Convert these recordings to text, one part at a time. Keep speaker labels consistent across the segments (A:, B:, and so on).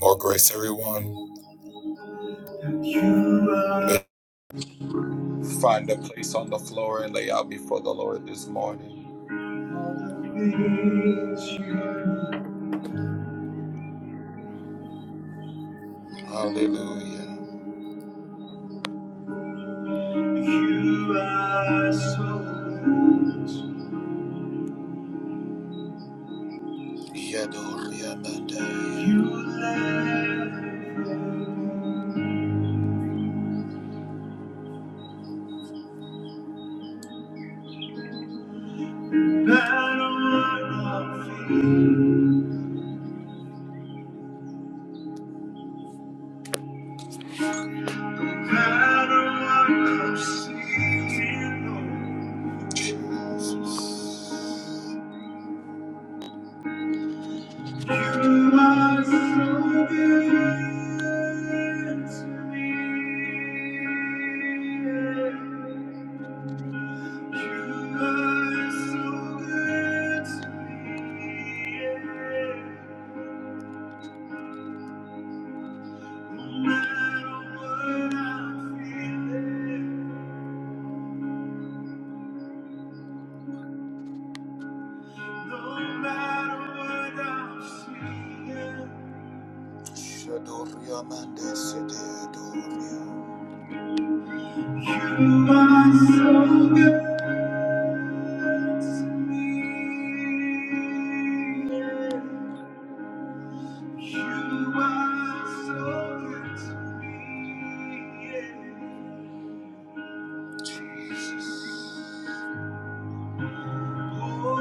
A: More grace, everyone. Find a place on the floor and lay out before the Lord this morning. Hallelujah. You are so good. You left battle I don't want to see. Jesus. You are so good to me. You are so good to me. No matter what I'm feeling, no matter what I'm seeing. Shadoria Mandes, You are so good to me. yeah. You are so good to me. yeah. Oh, oh,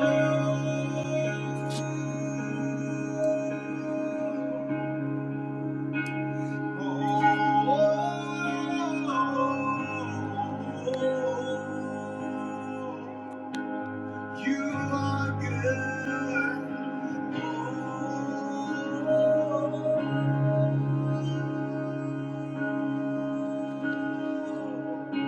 A: oh, oh. You are good. Oh.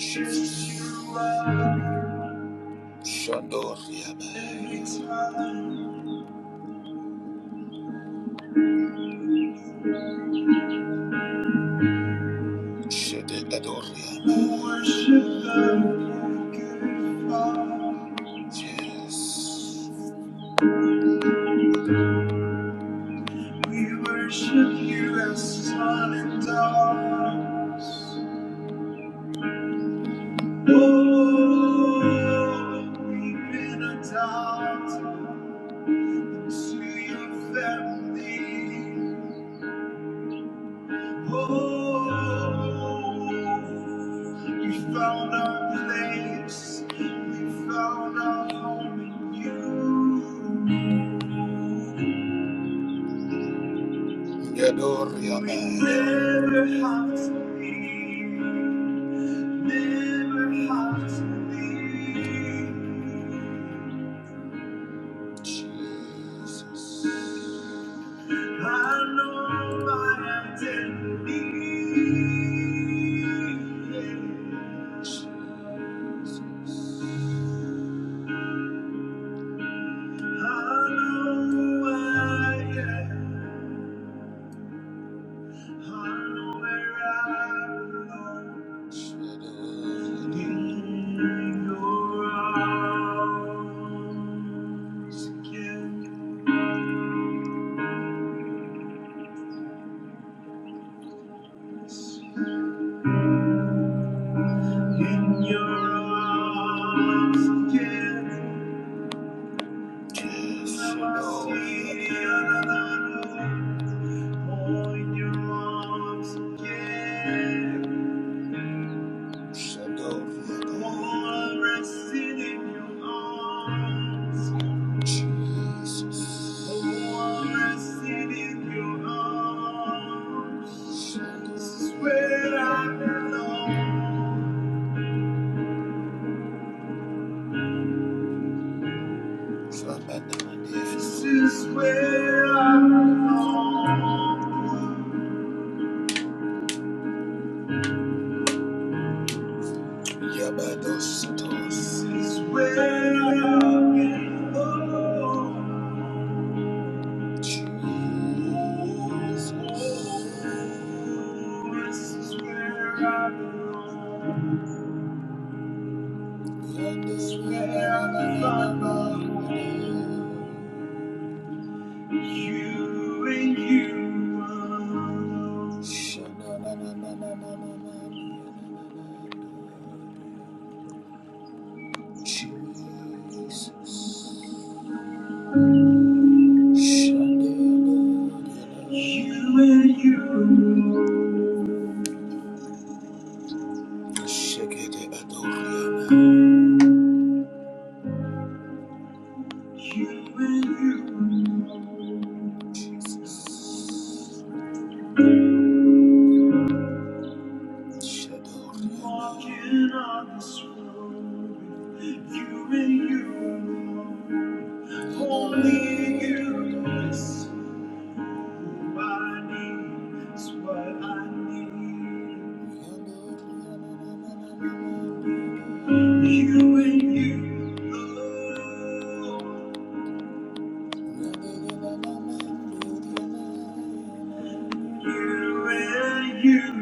A: Jesus, you are. Shandoria, Shededoria. Yes. We worship you as sun and stars. Oh, we've been adopted to your family. Oh, we found our place. We found our home in you. We Never have to leave. Never have to leave. Jesus. I know my identity. Jesus. I know where I am. I know where I belong. In your arms again. In your arms again. Where I belong. This is where I belong. Yabadosatos is where I belong. Jesus This is where I belong. God is where I belong. You and you alone. Jesus. You and you. You and you. Jesus. Walking on this road. You and you. Only you. It's who I need. It's what I need. You and you. Lord. You and you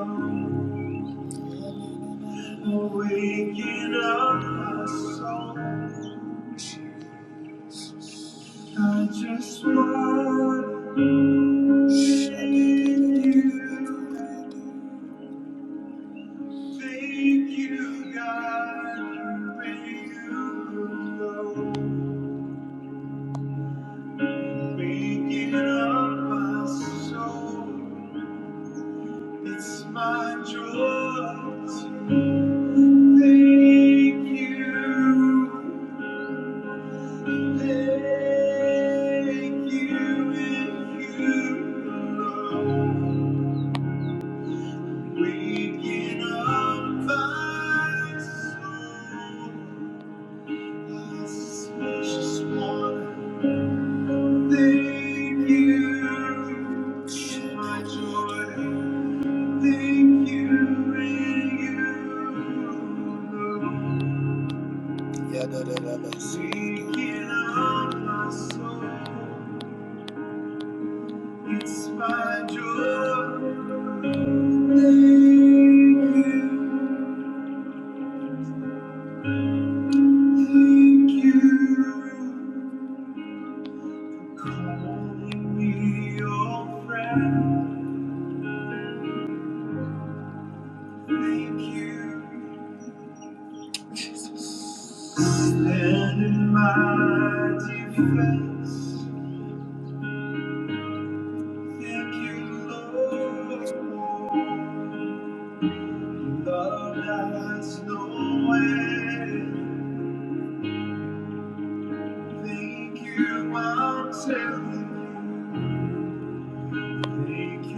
A: alone, waking up my soul. I just want to thank you. Thank you, God, you and you alone, waking up my soul. It's my joy to thank you. Thank you if you know waking up my soul. I just wanna thank you, my joy. Thank you, and you know. Waking up my soul. It's my joy. Thank you. Thank you. Calling me your friend. Thank you. Stand in my defense. Thank you, Lord. Love has no end. Thank you, I'm telling you. Thank you.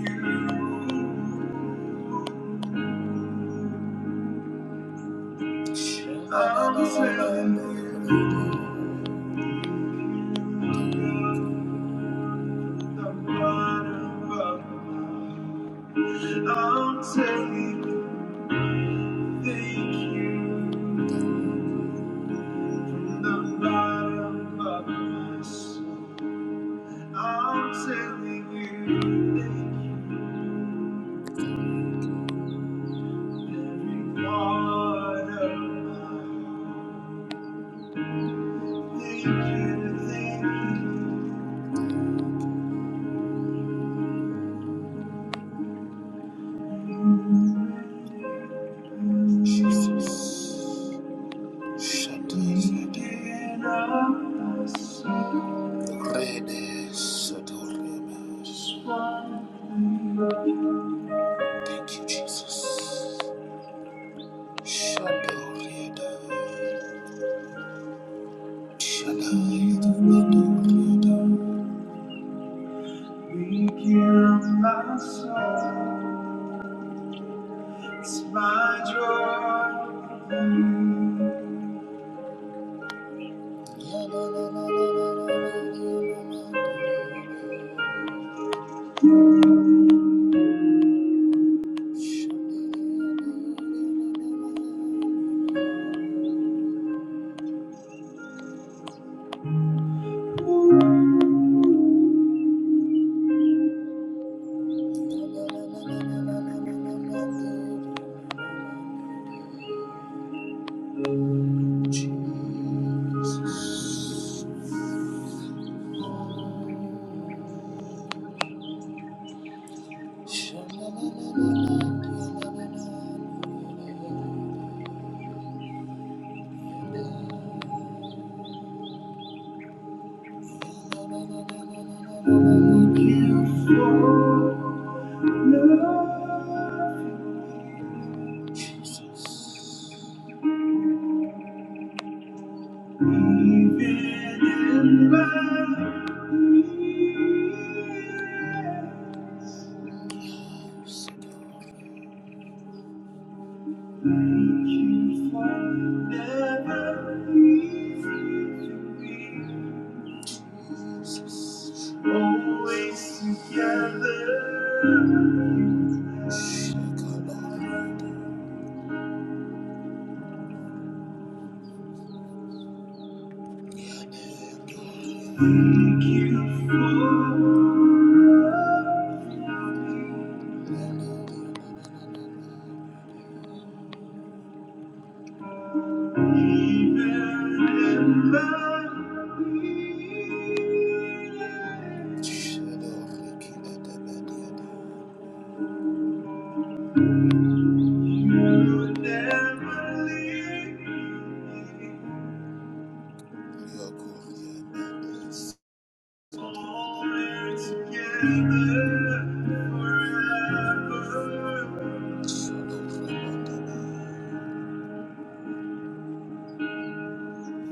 A: I'm a friend with the bottom of my. heart. I'm saying thank you from the bottom of my soul. I'm telling you thank you every part of my heart. Thank you, thank you. Jesus. Shadows. Rede Sadoremas. Thank you, Jesus. Shadoriada. Shaddai, Adoriada. We give my soul, it's my joy. Shadoriada, Thank you for Always together. Thank you for.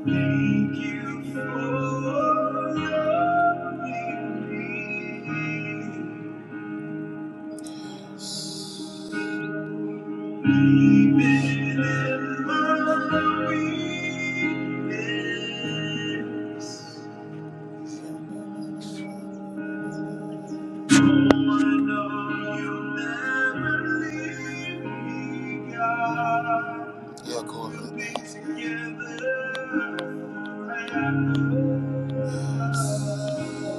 A: Thank you for loving me. Yeah, go Yes.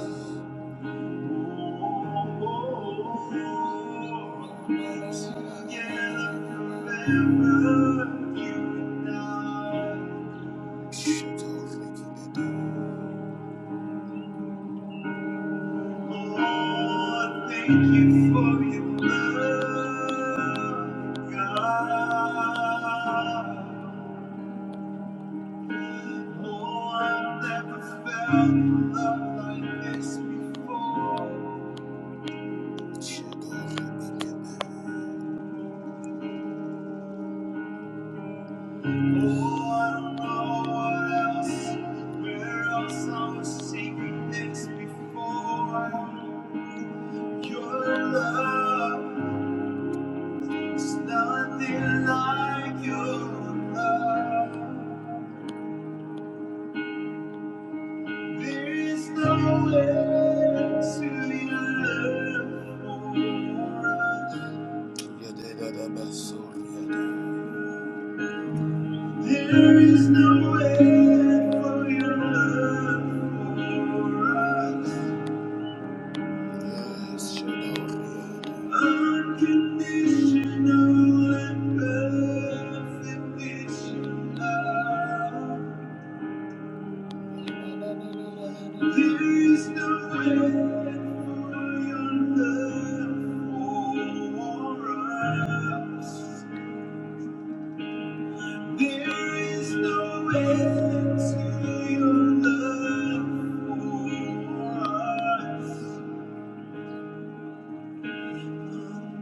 A: Thank you. There is no way for your love for us. Yes, Unconditional and perfect is your love. There is no end for your love for us. There is no end to your love for us.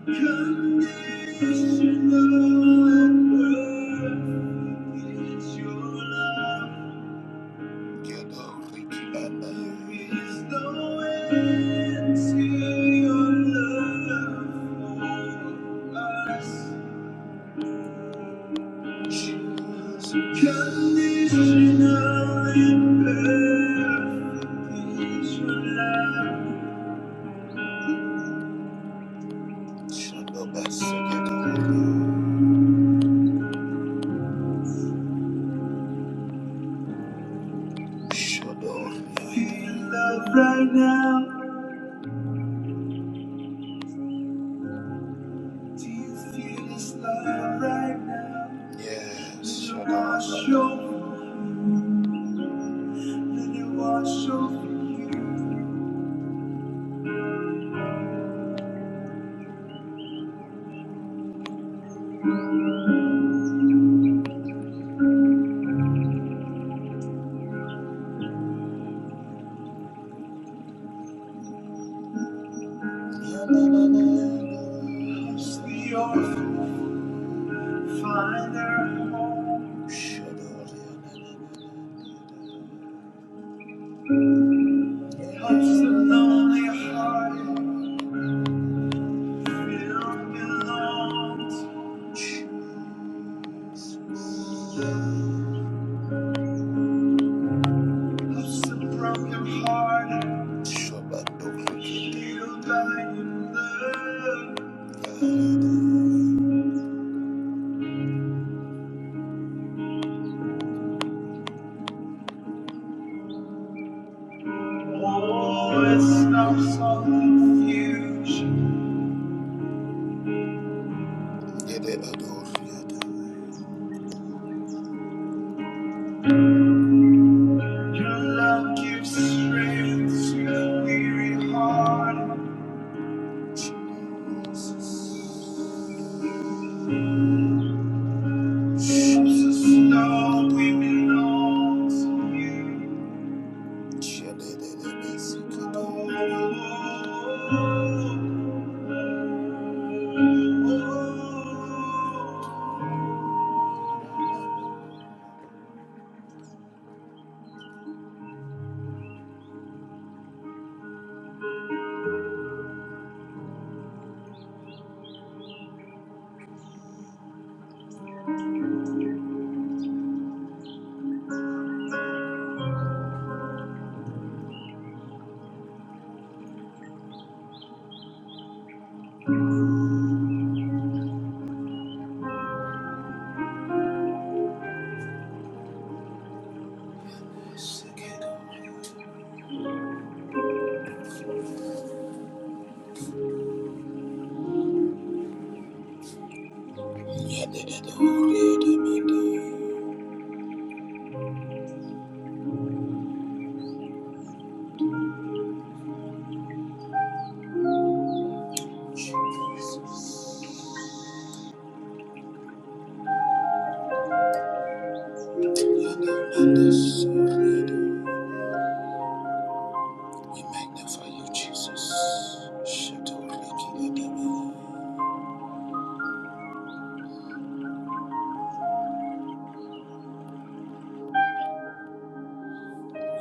A: Conditional and perfect is your love. Shalom, Shut up. Do you Feel love right now. Do you feel this love right now? Yes, shut up. Let it Wash over you. Let it wash over you. Yeah, Touch the orphan. Find their home. Shut up. Yeah, Touch the lonely heart. Feel belongs. Jesus. broken heart. Shabbat Healed die in love. Oh, it stops all confusion. Your love gives strength to a weary heart. Jesus, Lord, we belong to you. We magnify you, Jesus. We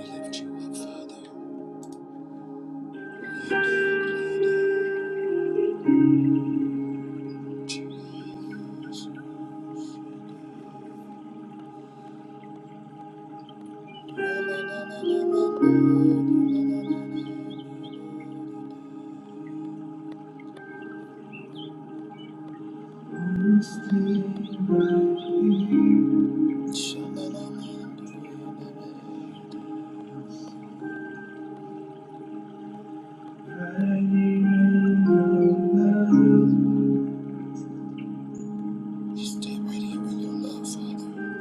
A: lift you up, Father. Jesus. Just stay right here in your love, Father.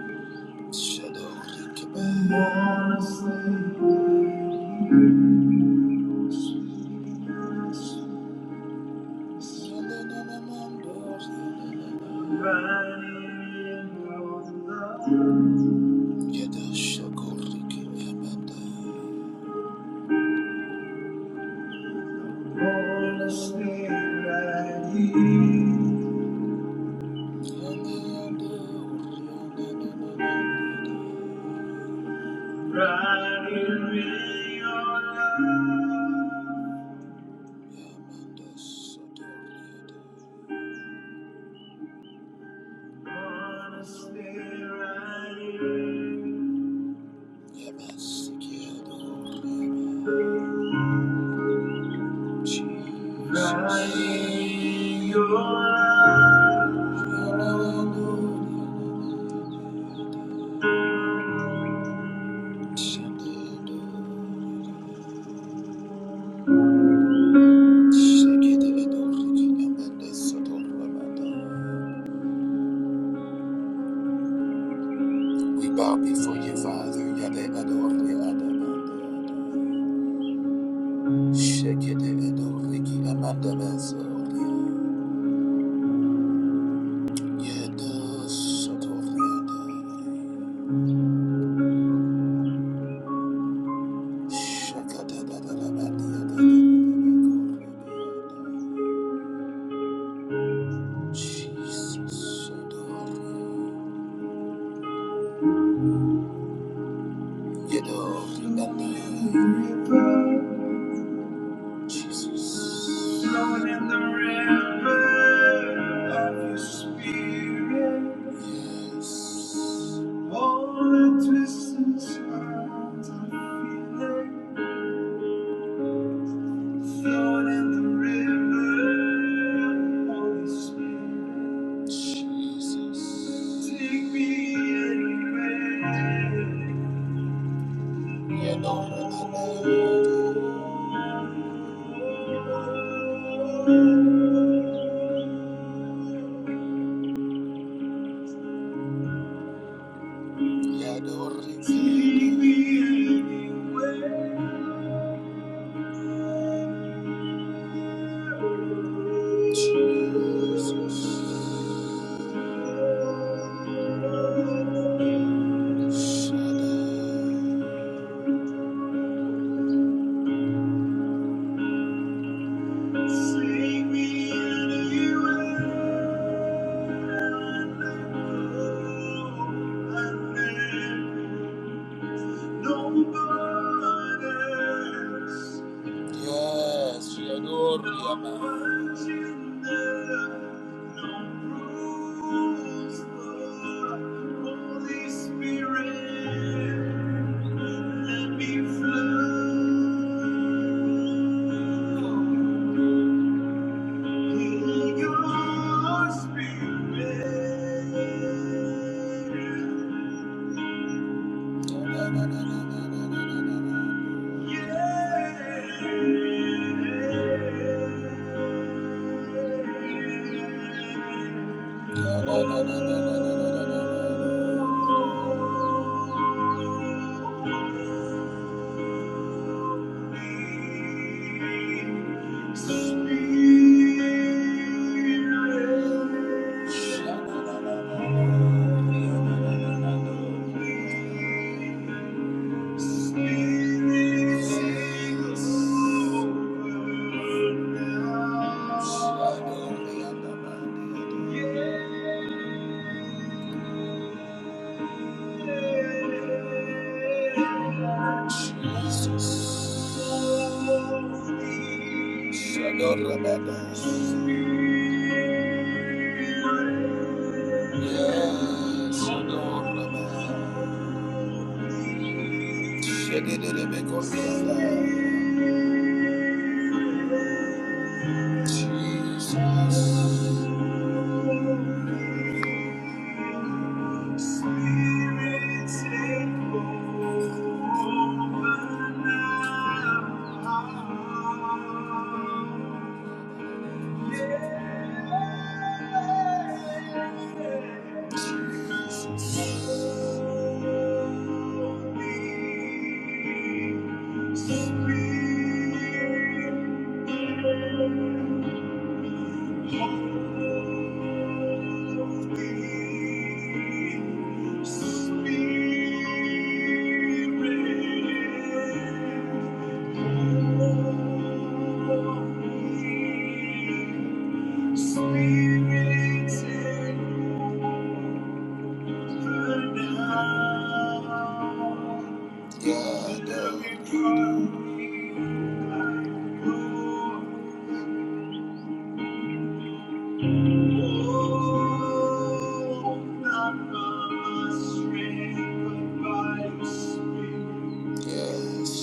A: Shadow, look back. Riding with your love. Wanna stay right here. Riding in your love. We bow before you, Father. Yada adore, yada adore. Şekede edorreki amanda bezorya. Yeda sotoryada. Şakada da da da da diya da da da da da. Jesus. Yedor amanda. Jesus. flowing in the river of your spirit. Yes. All the twists and turns I feel it. flowing in the river of Holy Spirit. Jesus. Take me anywhere. You know what I mean. You know what I mean. Jesus, I know. Save me anywhere. no Yes, we adore you, man. Holy Spirit, let me flow. Heal your spirit. Spirit. Jesus. Spirit, take over now. Jesus. God, I know. Yes,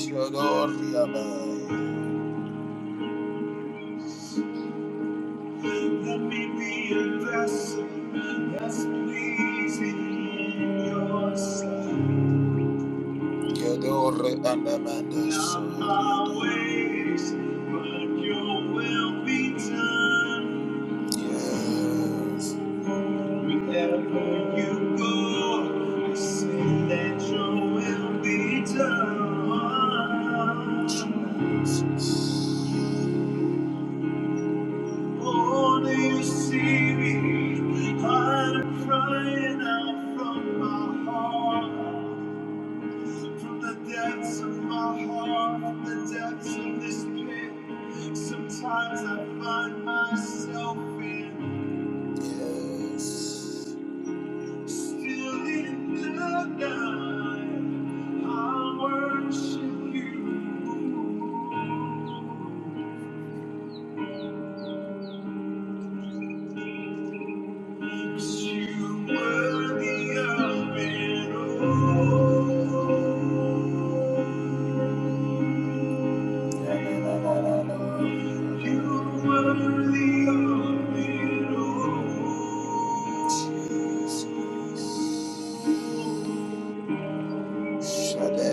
A: your Lord, we are by. Let me be a vessel that's pleasing in your sight. Your Lord, and Amanda's. Not my ways, but your will be done. Yes. Wherever you go, I say that your will be done. Oh, do you see me? I'm crying out from my heart, from the depths of my heart, from the depths of this pit. Sometimes I find myself in. Yes. Still in the night, I worship you. because you. 'Cause you were the up and all. You were the up and all. You were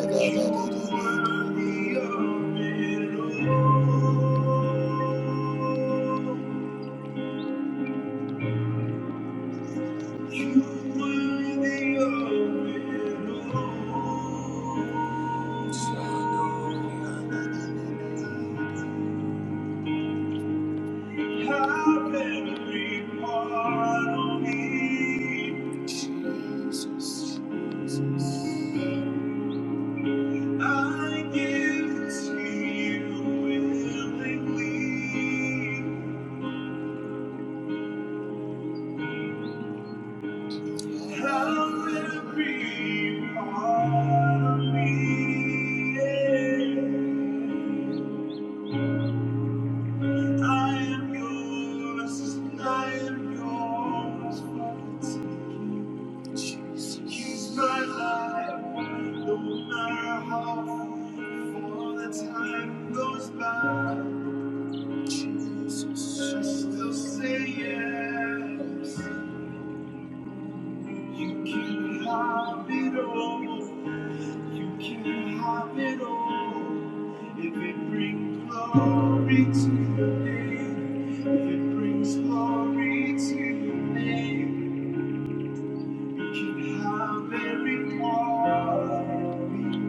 A: the up and all. Have every part of me, Jesus, I give to you willingly. Have every part of me. I am yours. I am yours. Jesus, he's my life, no matter how far the time goes by. Jesus, I still say yes. You can have it all. You can have it all. If it brings glory to your name, if it brings glory to your name, you can have every part. of me.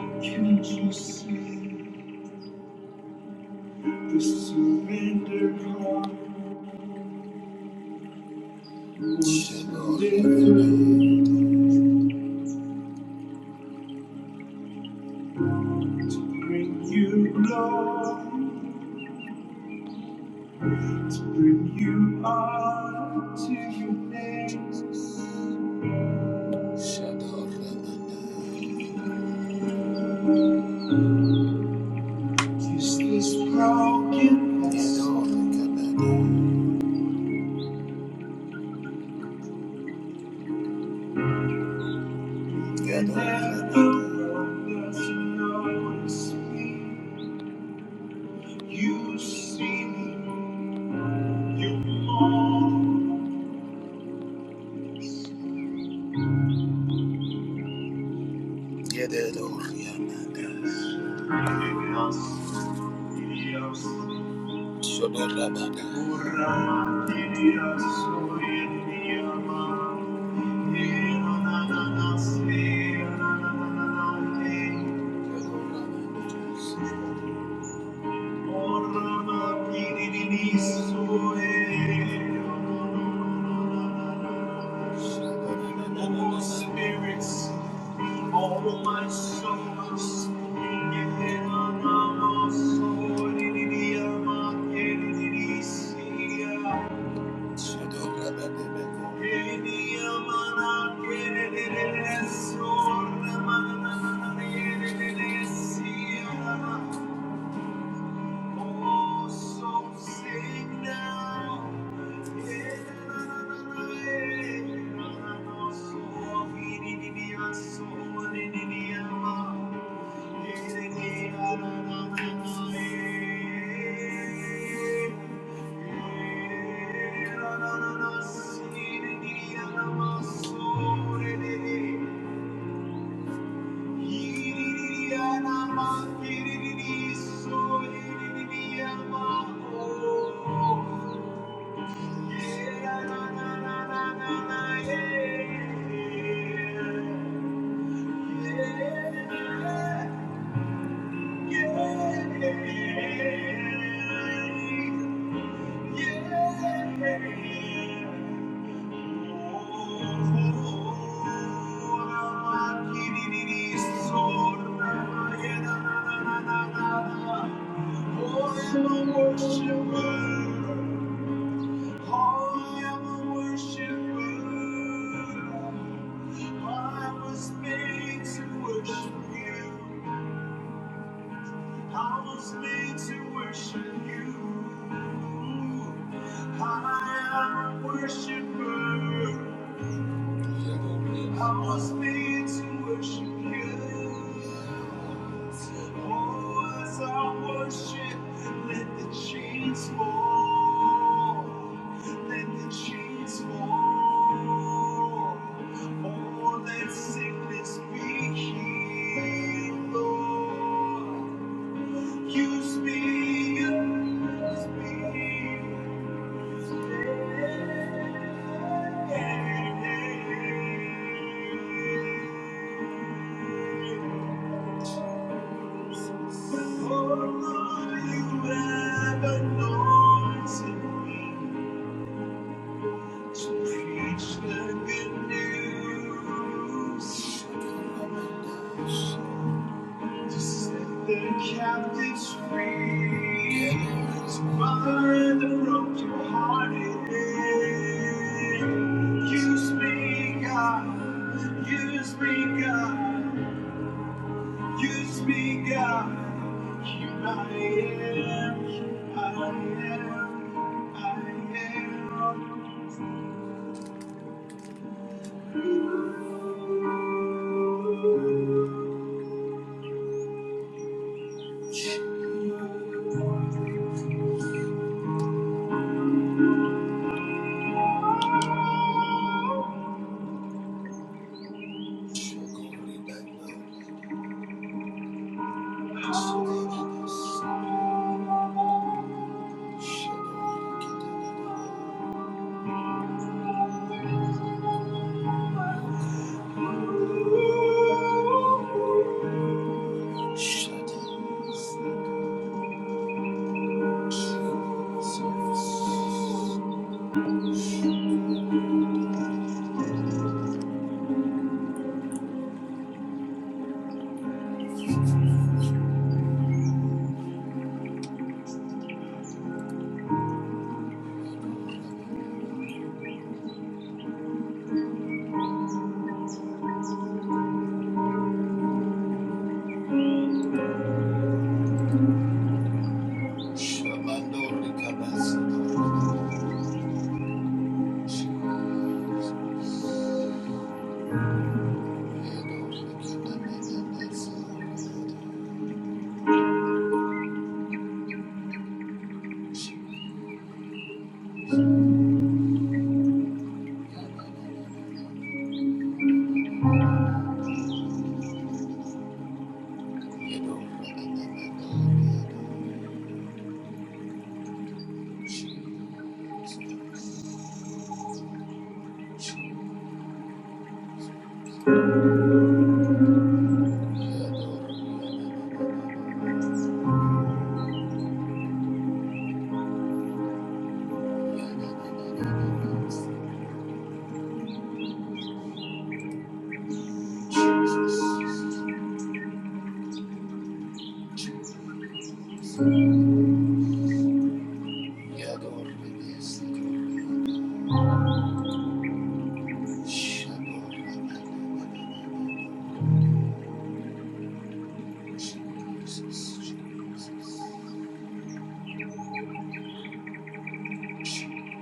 A: Can you see the surrender call? What's lifted to bring you glory, to bring you honor to your name? Is this broken vessel can never let us know it's You see me. Yes. Oh, Spirits, all my souls, oh, Oh, so sing now. Yeah. na, na, na, na, yeah, na, na, na, so, we need to be a soul, we need to be a mom. Yeah, na, na, na, na, na, yeah. Yeah, na, na, na, na, see, we need to be a mom, so, we need to be a mom. Yeah. I am a worshiper. I was made to worship you. Oh, as I worship, let the chains fall. Let the chains fall. Oh, let sickness be healed, Lord. You speak, you speak, Preach the good news. Just set the captives free. So bind the brokenhearted. Use me, God. Use me, God. Use me, God. Here I am. Here I am. I am. Shut up. Shut up.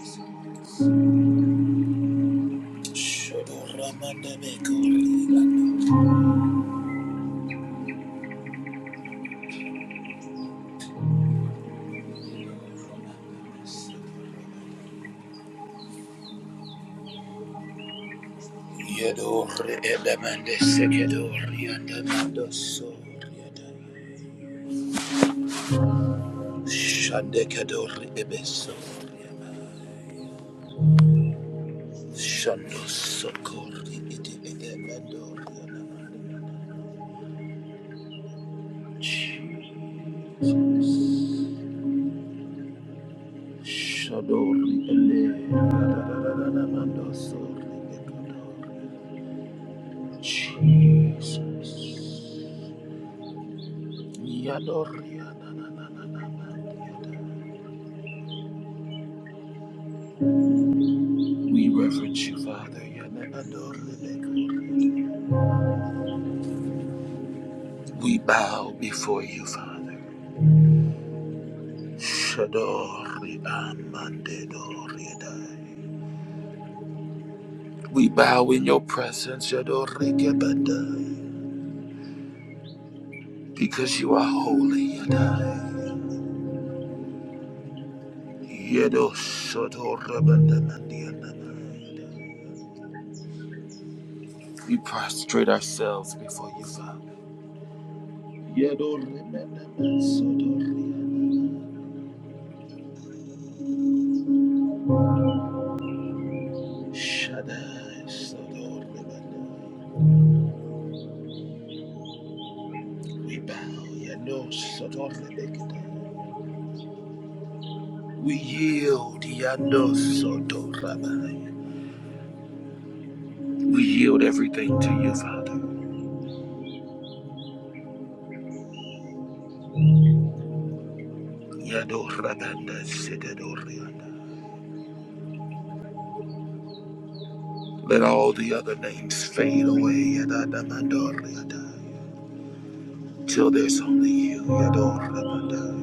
A: Jesus. Shando sokori iti edemandori Shadori ele Jesus We reverence you, Father. We bow before you, Father. We bow in your presence, because you are holy, We prostrate ourselves before you, Father. Shaddai, Sodor, Lebanon. We bow, Yano, Sodor, Lebanon. We yield, Yano, Sodor, Rabbi. We yield everything to you, Father. Yado, Rabanda, Sedador, Rianda. Let all the other names fade away, Yadadamandor, Rianda. Till there's only you, Yado, Rabanda.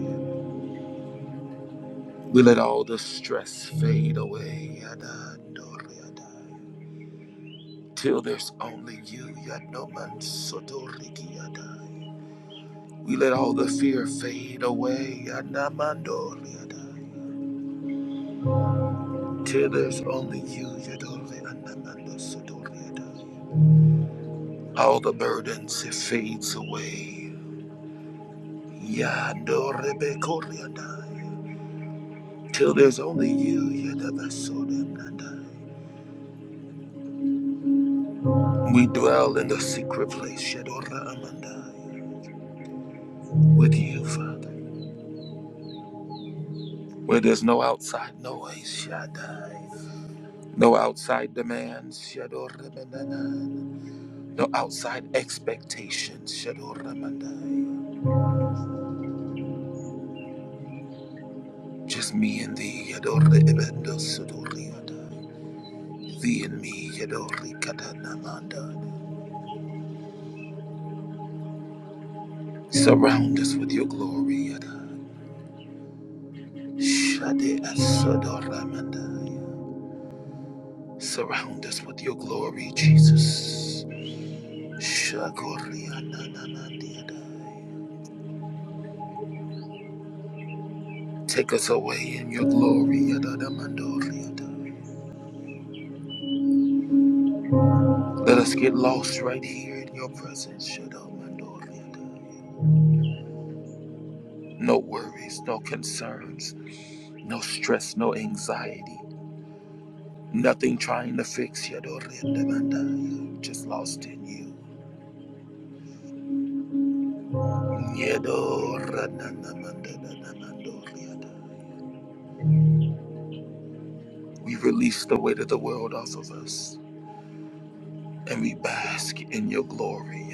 A: We let all the stress fade away, Yadador, Rianda. Till there's only you, Yanoman Sotorikiyadai. We let all the fear fade away, Yanamandoriyadai. Till there's only you, Yadori Anamando Sotoriyadai. All the burdens, it fades away, Yandorebekoriyadai. Till there's only you, Yadabasoriyadai. We dwell in the secret place, Yadora Amandai, with you, Father where there's no outside noise, Shaddai. No outside demands. Shadoramanana. No outside expectations. Shadoramanaya. Just me and thee. Yadorebendosodoriadai. Thee and me. Yadorikadanamadai. Surround us with your glory. Yadai. Shadeasodoramandai. Surround us with your glory, Jesus. Shagorianananadiadai. Take us away in your glory. Yadadamandoriadai. Let us get lost right here in your presence. No worries, no concerns, no stress, no anxiety. Nothing trying to fix Yadorinamanda. Just lost in you. We release the weight of the world off of us. And we bask in your glory.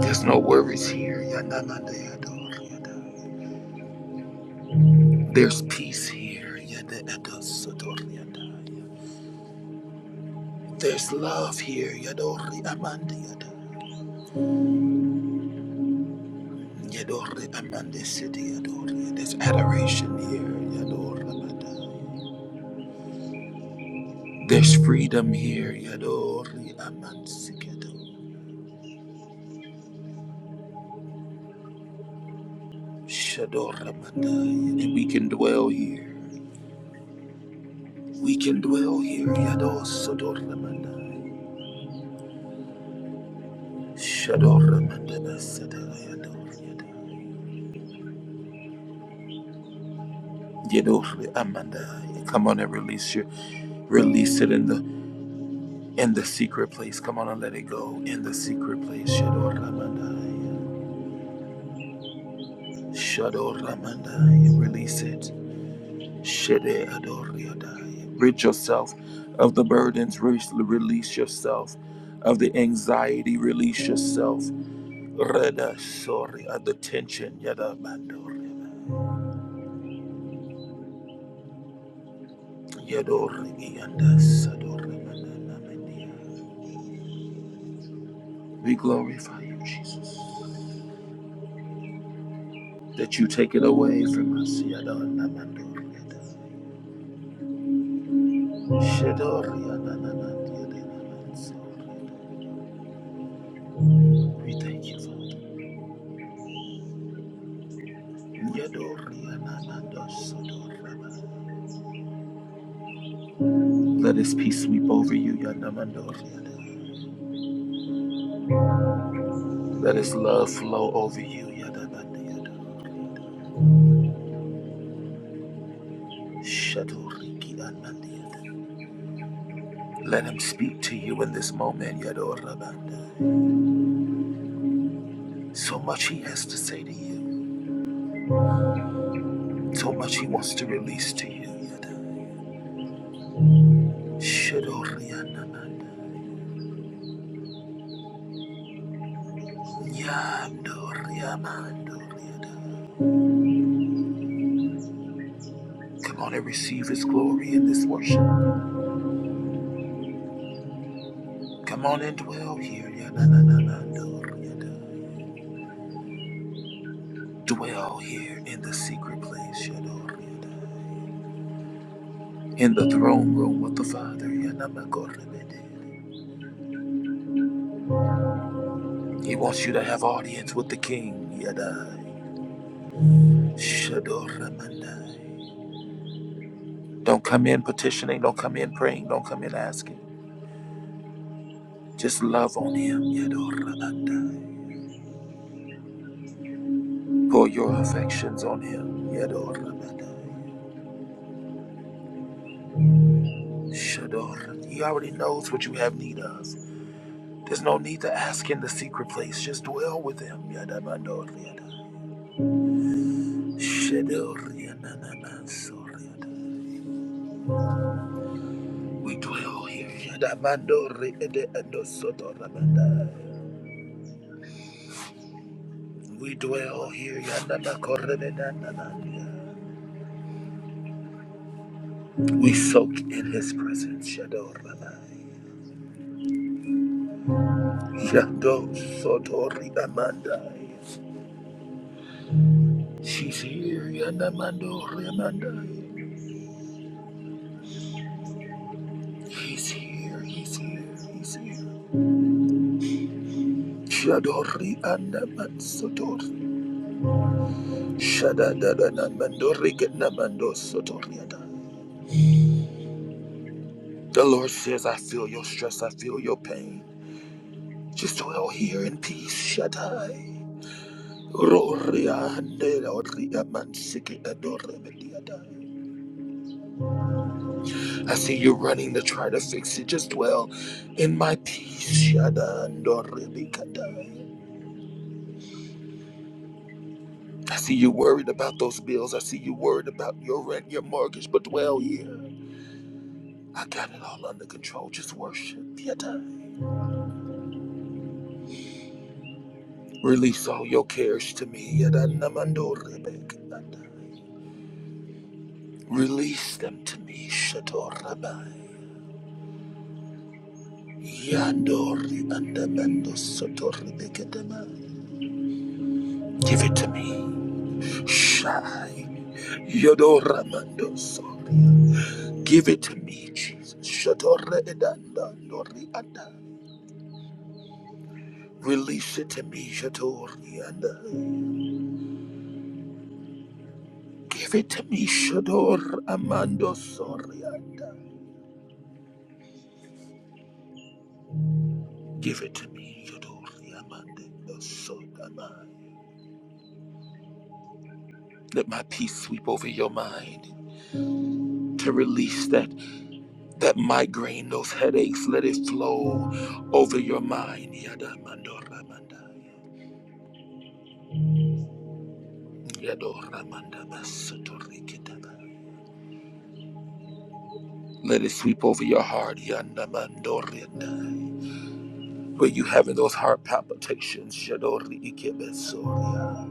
A: There's no worries here. There's peace here. There's love here. There's adoration here. There's freedom here. And we can dwell here. We can dwell here. Come on and release your. Release it in the in the secret place. Come on and let it go in the secret place. Shador Ramandaya. Shador Ramandaya. Release it. Shede Adoriadaya. Rid yourself of the burdens. Release yourself of the anxiety. Release yourself. Reda sorry of the tension. Yada Bandoriadaya. Yadori Ianda Sador Ramandana We glorify you, Jesus. that you take it away from us. We thank you, Father. Let His peace sweep over you. Let His love flow over you. Let Him speak to you in this moment. So much He has to say to you, so much He wants to release to you. Shadorianamanda. Come on and receive his glory in this worship. Come on and dwell here. Dwell here in the secret place. In the throne room with the Father. He wants you to have audience with the King. Don't come in petitioning. Don't come in praying. Don't come in asking. Just love on him. Pour your affections on him. Yador Rabadai. Shador. He already knows what you have need of. There's no need to ask in the secret place. Just dwell with him. Yadabador Yadai. Shador Yananamansor Yadai. We dwell here. Yadabador Ede Edosotor Rabadai. We dwell here. Yadabakorebedananaya. We soak in his presence. Shador Rabadai. Yador Sotor Amandai. She's here, Yanamando Remanda. He's here, he's here, he's here. Shadori Andaman Sotor. Shadadadanamando Riganamando Sotoriada. The Lord says, I feel your stress, I feel your pain. Just dwell here in peace, Shaddai. Roria Andeloria Mansiki Adorebediada. I see you running to try to fix it. Just dwell in my peace, Shaddai Andorebikadai. I see you worried about those bills. I see you worried about your rent, your mortgage, but dwell here. I got it all under control. Just worship. Yada. Release all your cares to me. Yada namando rebek. Release them to me. Shatorabai. Yandori andamando sotorebekadama. Give it to me. Shai. Yodoramando so. Give it to me, Jesus. Shadore edanda nori anda. Release it to me, Shadorianda. Give it to me, Shador Amando Sorianda. Give it to me, Shadori Amando Sorianda. Let my peace sweep over your mind to release that that migraine, those headaches. Let it flow over your mind, Yadamando Ramanda. Yadoramanda Basatori Kitaba. Let it sweep over your heart, Yandamando Rianda. But you having those heart palpitations, Yadori Ikebesoria.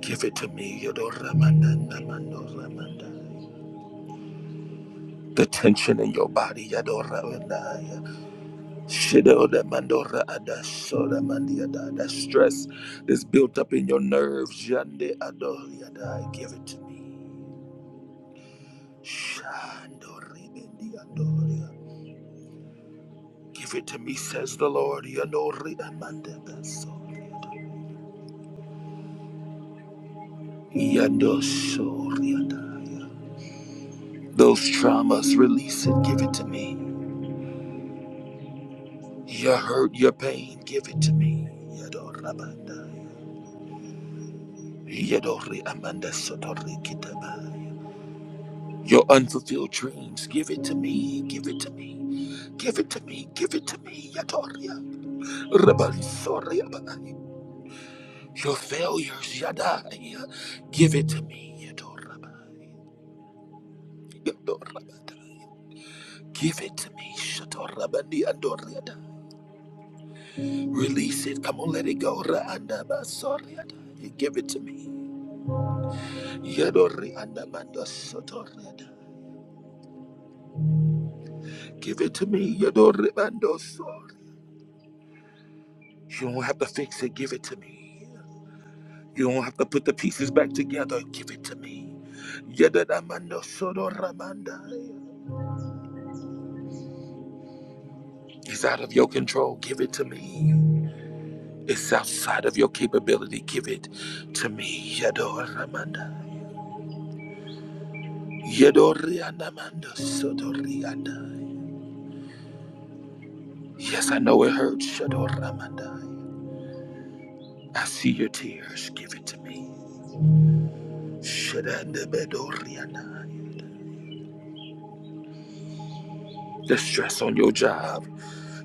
A: Give it to me, Yadora Mananda Mandora Mandai. The tension in your body, Yadora Mandaya. Shidoda Mandora Adasoda Mandiada. That stress that's built up in your nerves, Yande Adori Give it to me. Shandori Bindi Andoria. Give it to me, says the Lord, Yadori Amanda Besoria. Yadosori Those traumas, release it, give it to me. Your hurt, your pain, give it to me. Yadorabandai. Yadori amanda sotori kitabai. Your unfulfilled dreams, give it to me, give it to me, give it to me, give it to me, Yadoria. Rabalisoriabai. Your failures, Yadai, give it to me, Yadorabai. Yadorabai. Give it to me, Shatorabandi andoriada. Release it. Come on, let it go. Raandaba soriata. Give it to me. Yadori andamando sotoriata. Give it to me. Yadori bando sori. You don't have to fix it. Give it to me. You don't have to put the pieces back together. Give it to me. Yadadamando sodoramanda. It's out of your control. Give it to me. It's outside of your capability. Give it to me. Yador Ramanda. Yador Rianda Manda Soto Yes, I know it hurts. Shador Ramandai. I see your tears. Give it to me. Shadandabedoriadai. The stress on your job,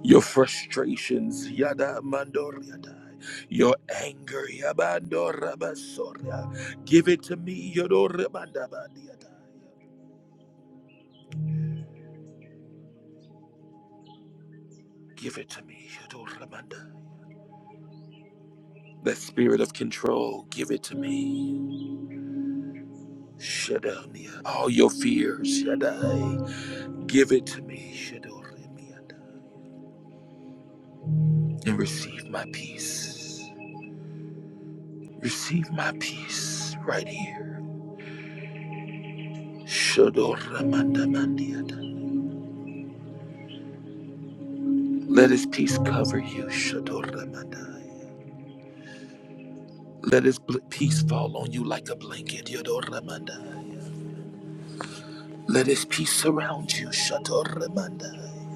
A: your frustrations, Yada Mandoriadai. Your anger, Yabandorabasoria. Give it to me, Yadorabandabadiadai. Give it to me, Yadoramanda. The spirit of control, give it to me. Shadania. All your fears, Yadai. Give it to me, Shadorimiadai. and receive my peace. Receive my peace right here. Shadoramandamandiyada. Let his peace cover you. Shadoramandai. Let his bl- peace fall on you like a blanket. Yadoramandai. Let his peace surround you. Shadoramandai.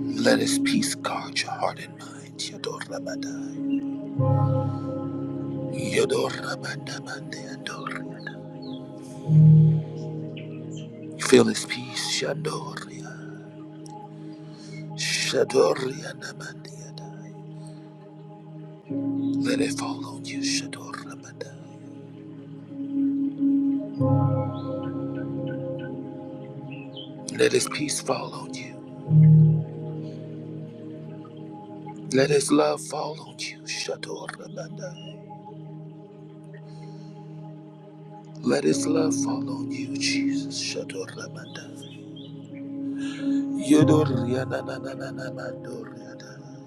A: Let his peace guard your heart and mind. Yadoramandai. Yadoramandamandiyadoriyada. Feel his peace. Shandoria. Shadoria namandiyada. Let it fall on you, Shador Rabadai. Let his peace fall on you. Let his love fall on you, Shador Rabadai. Let his love fall on you, Jesus, Shador Rabadai. Yodor Yanananananamandoriada.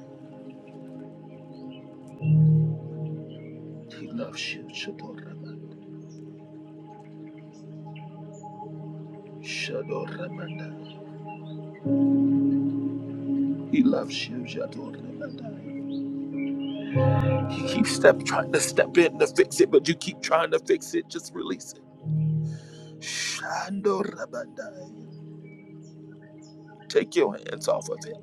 A: He loves you, Shador Rabadai. Shador Rabadai. He loves you, Shador Rabadai. He keeps step, trying to step in to fix it, but you keep trying to fix it. Just release it. Shandor Rabadai. Take your hands off of it.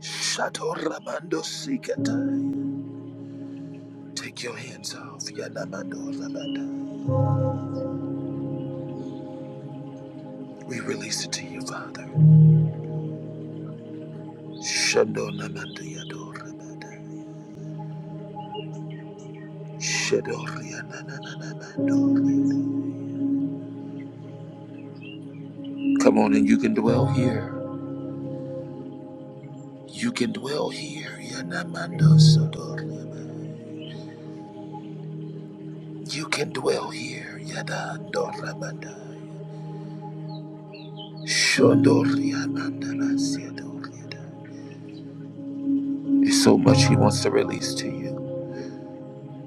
A: Shato Ramando Sikatai. Take your hands off. Yanamando Ramanda. We release it to you, Father. Shando Namando Yado Ramanda. Shado Rianananamando. Come on and you can dwell here. You can dwell here. Yanamando Sodo Ramanda. You can dwell here. Yadando Ramanda. Shondo Riamanda Basiado There's so much he wants to release to you.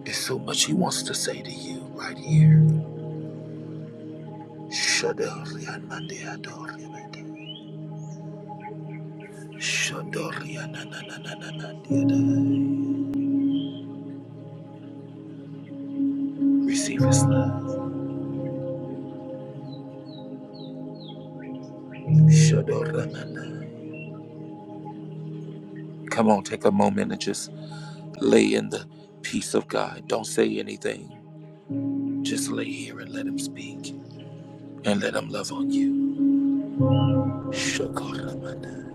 A: There's so much he wants to say to you right here. Receive his love. Come on, take a moment and just lay in the peace of God. Don't say anything. Just lay here and let him speak and let him love on you. Shakoramana.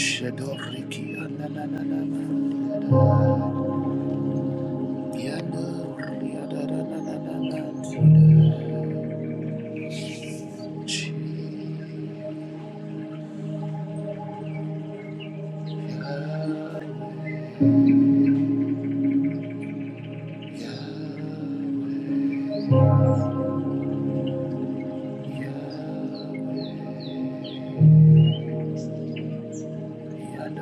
A: Shadoriki anananana Yador Yadananana Jesus. Yador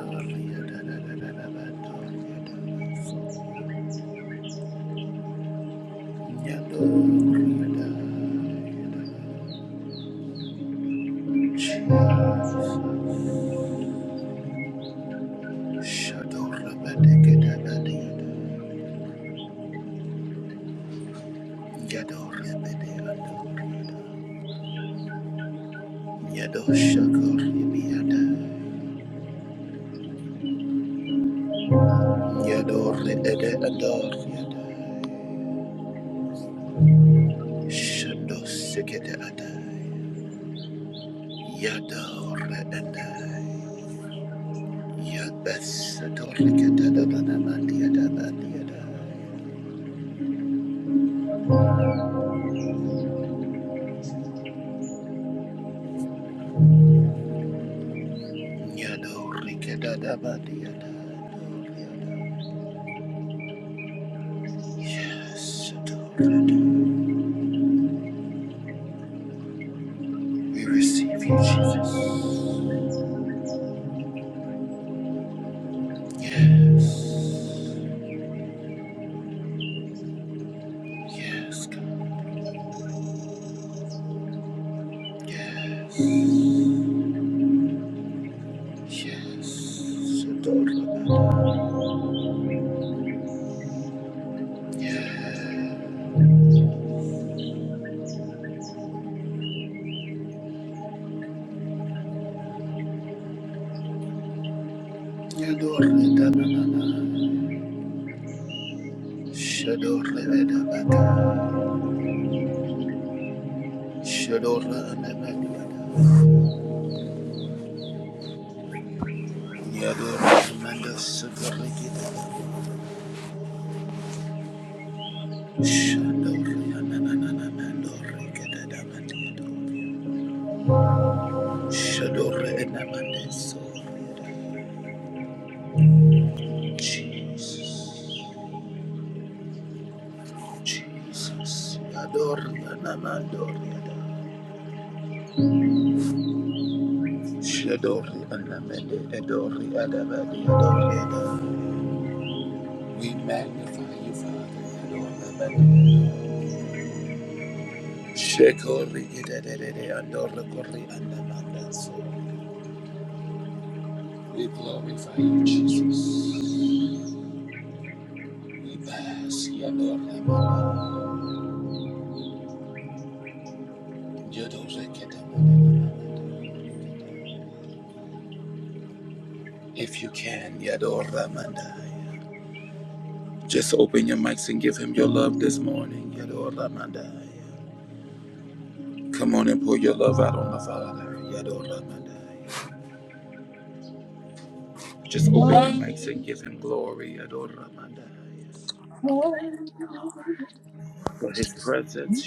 A: Yado rikedadabadiada. Yes. adorada. We receive you, Jesus. Yes. Yes, God. Yes. Yes. adorada. Yes. Yadoredanana. Shadoredabaka. Shadora and Emmanuel. Yadora Amanda Jesus, Jesus, Adori Anamandori, Shadori Anamende, Adori Adabadi, Adori. We magnify you, Father. Adori Shekori idadadede andorra kori andamanda so. We glorify you, Jesus. We bask, Yadorna If you can, Just open your mics and give him your love this morning, Come on and pour your love out on the Father, Just open your
B: Thank
A: mics and give him glory,
C: Thank you, Lord.
A: For
C: That's
A: his
C: your
A: presence,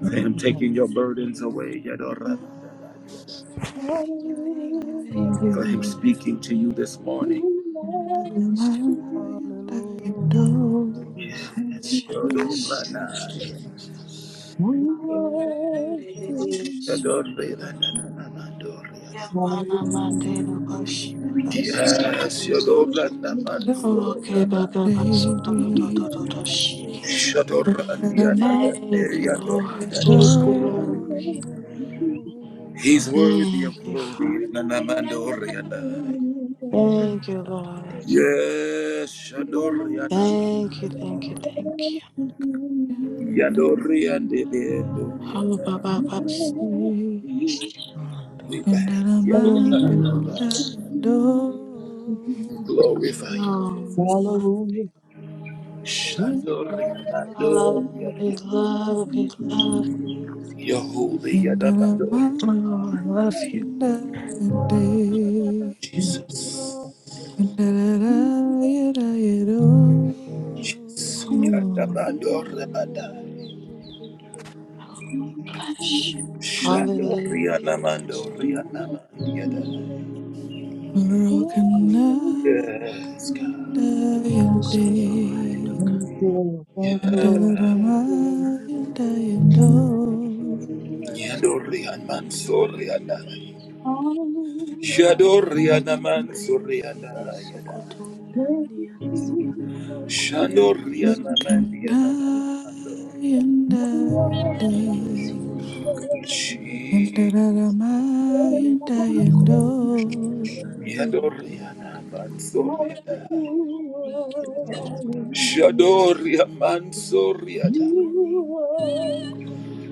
A: For him taking
C: Thank
A: your
C: you, thank
A: burdens
C: you,
A: away,
C: thank you, thank you, thank you,
A: For him
C: Father.
A: speaking to you this morning,
C: Bless you,
D: Hallelujah, Jesus.
C: Father. Bless you,
E: Your
C: bless you.
D: Jesus.
E: wonderful and
C: Baby
E: beautiful
C: Beatles.
E: heart, mercy,
C: Yamana
E: and
C: Mandela
E: magnificent,
C: Bashi Basi.
A: Yes,
E: and release
A: Yadora
E: it all to
A: Naman
E: thee.
C: Okay,
A: Sorobana,
C: Baba Basu do do do do
F: Thank
C: do do shi.
E: Release it all
A: and
E: to God of your gift,
C: Thank you, Lord.
D: Adoro,
C: Oh,
A: Yadora.
C: glory.
E: your
A: He's
D: adore,
E: flesh,
A: worthy of
C: Thank you,
E: only in your
C: Father.
A: glory,
E: righteousness.
A: and Nanamandoriana.
B: you.
C: Thank you, Lord.
E: Thank you
A: Yes,
E: for your goodness
B: Hallelujah.
A: Shadoriana,
C: Thank you, thank
D: adorara,
C: you, thank you.
B: Thank you, Lord. thank
E: and your mercy,
A: Yadorian and
C: Oh,
A: Doriana.
C: Baba Basu.
E: for your loving care,
D: adorara,
A: We
F: And I
D: adorara.
A: bask,
F: am
C: Thank
A: Yadora,
C: you, Lord.
F: and I am do.
E: for your mighty and your for your love, and
A: we
E: for hope,
A: glorify you.
E: for
C: Oh,
E: comfort, and for
C: my God.
E: peaceful wisdom and
A: Shadoriana,
E: understanding.
C: I love you,
E: We
A: Doriana.
E: bless you
C: love you,
E: this
C: love
E: morning, O glorious
A: You're
E: King.
A: holy,
F: And I am
C: you.
A: Yadamandor,
C: Oh, I love you.
F: and I
E: Glory to your
F: am
E: name.
F: day.
A: Jesus.
E: Thank you,
F: And I
E: Jesus.
F: am and I am do.
E: Thank you, Jesus.
A: Jesus.
C: Mm,
A: Yadamando Rebada.
E: Thank you, Father.
C: bless you. Hallelujah.
E: Glory to
C: Bless
A: Shadorianamando
E: your
C: you.
E: name, O God.
A: Rianamanda.
E: Be thou
F: Broken
E: glorified, Father.
A: Yes,
F: and
A: God.
F: I
E: Be thou
F: am
C: bless
E: glorified, O
F: day.
E: God.
F: And I am
A: Yeah.
B: you, Lord.
F: and I
E: Hallelujah,
F: am
E: Jesus.
B: thank
F: do.
B: you. Lord.
E: Mansoor
A: Yadorian
E: Antaman
A: Mansoriana.
E: Televans.
B: Thank
A: Shadoriana
E: Brende
A: Mansoriana.
E: de
A: Yada.
E: Sukoton Dandian Sialaban Kutelevan
F: Who
A: Shandoriana
E: Sutiki.
F: can I
A: Mandiana.
F: and I and
E: Bless
F: they
E: your name, O God.
F: and that
A: Jesus.
F: am I and I and
E: Metobakur and
F: oh
E: Alaban
A: Yadoriana
E: Siatalabakata.
A: Mansoriana.
E: Thank you, Lord.
A: Shadoria
E: Glory to
A: Mansoriana.
E: your name. Jesus.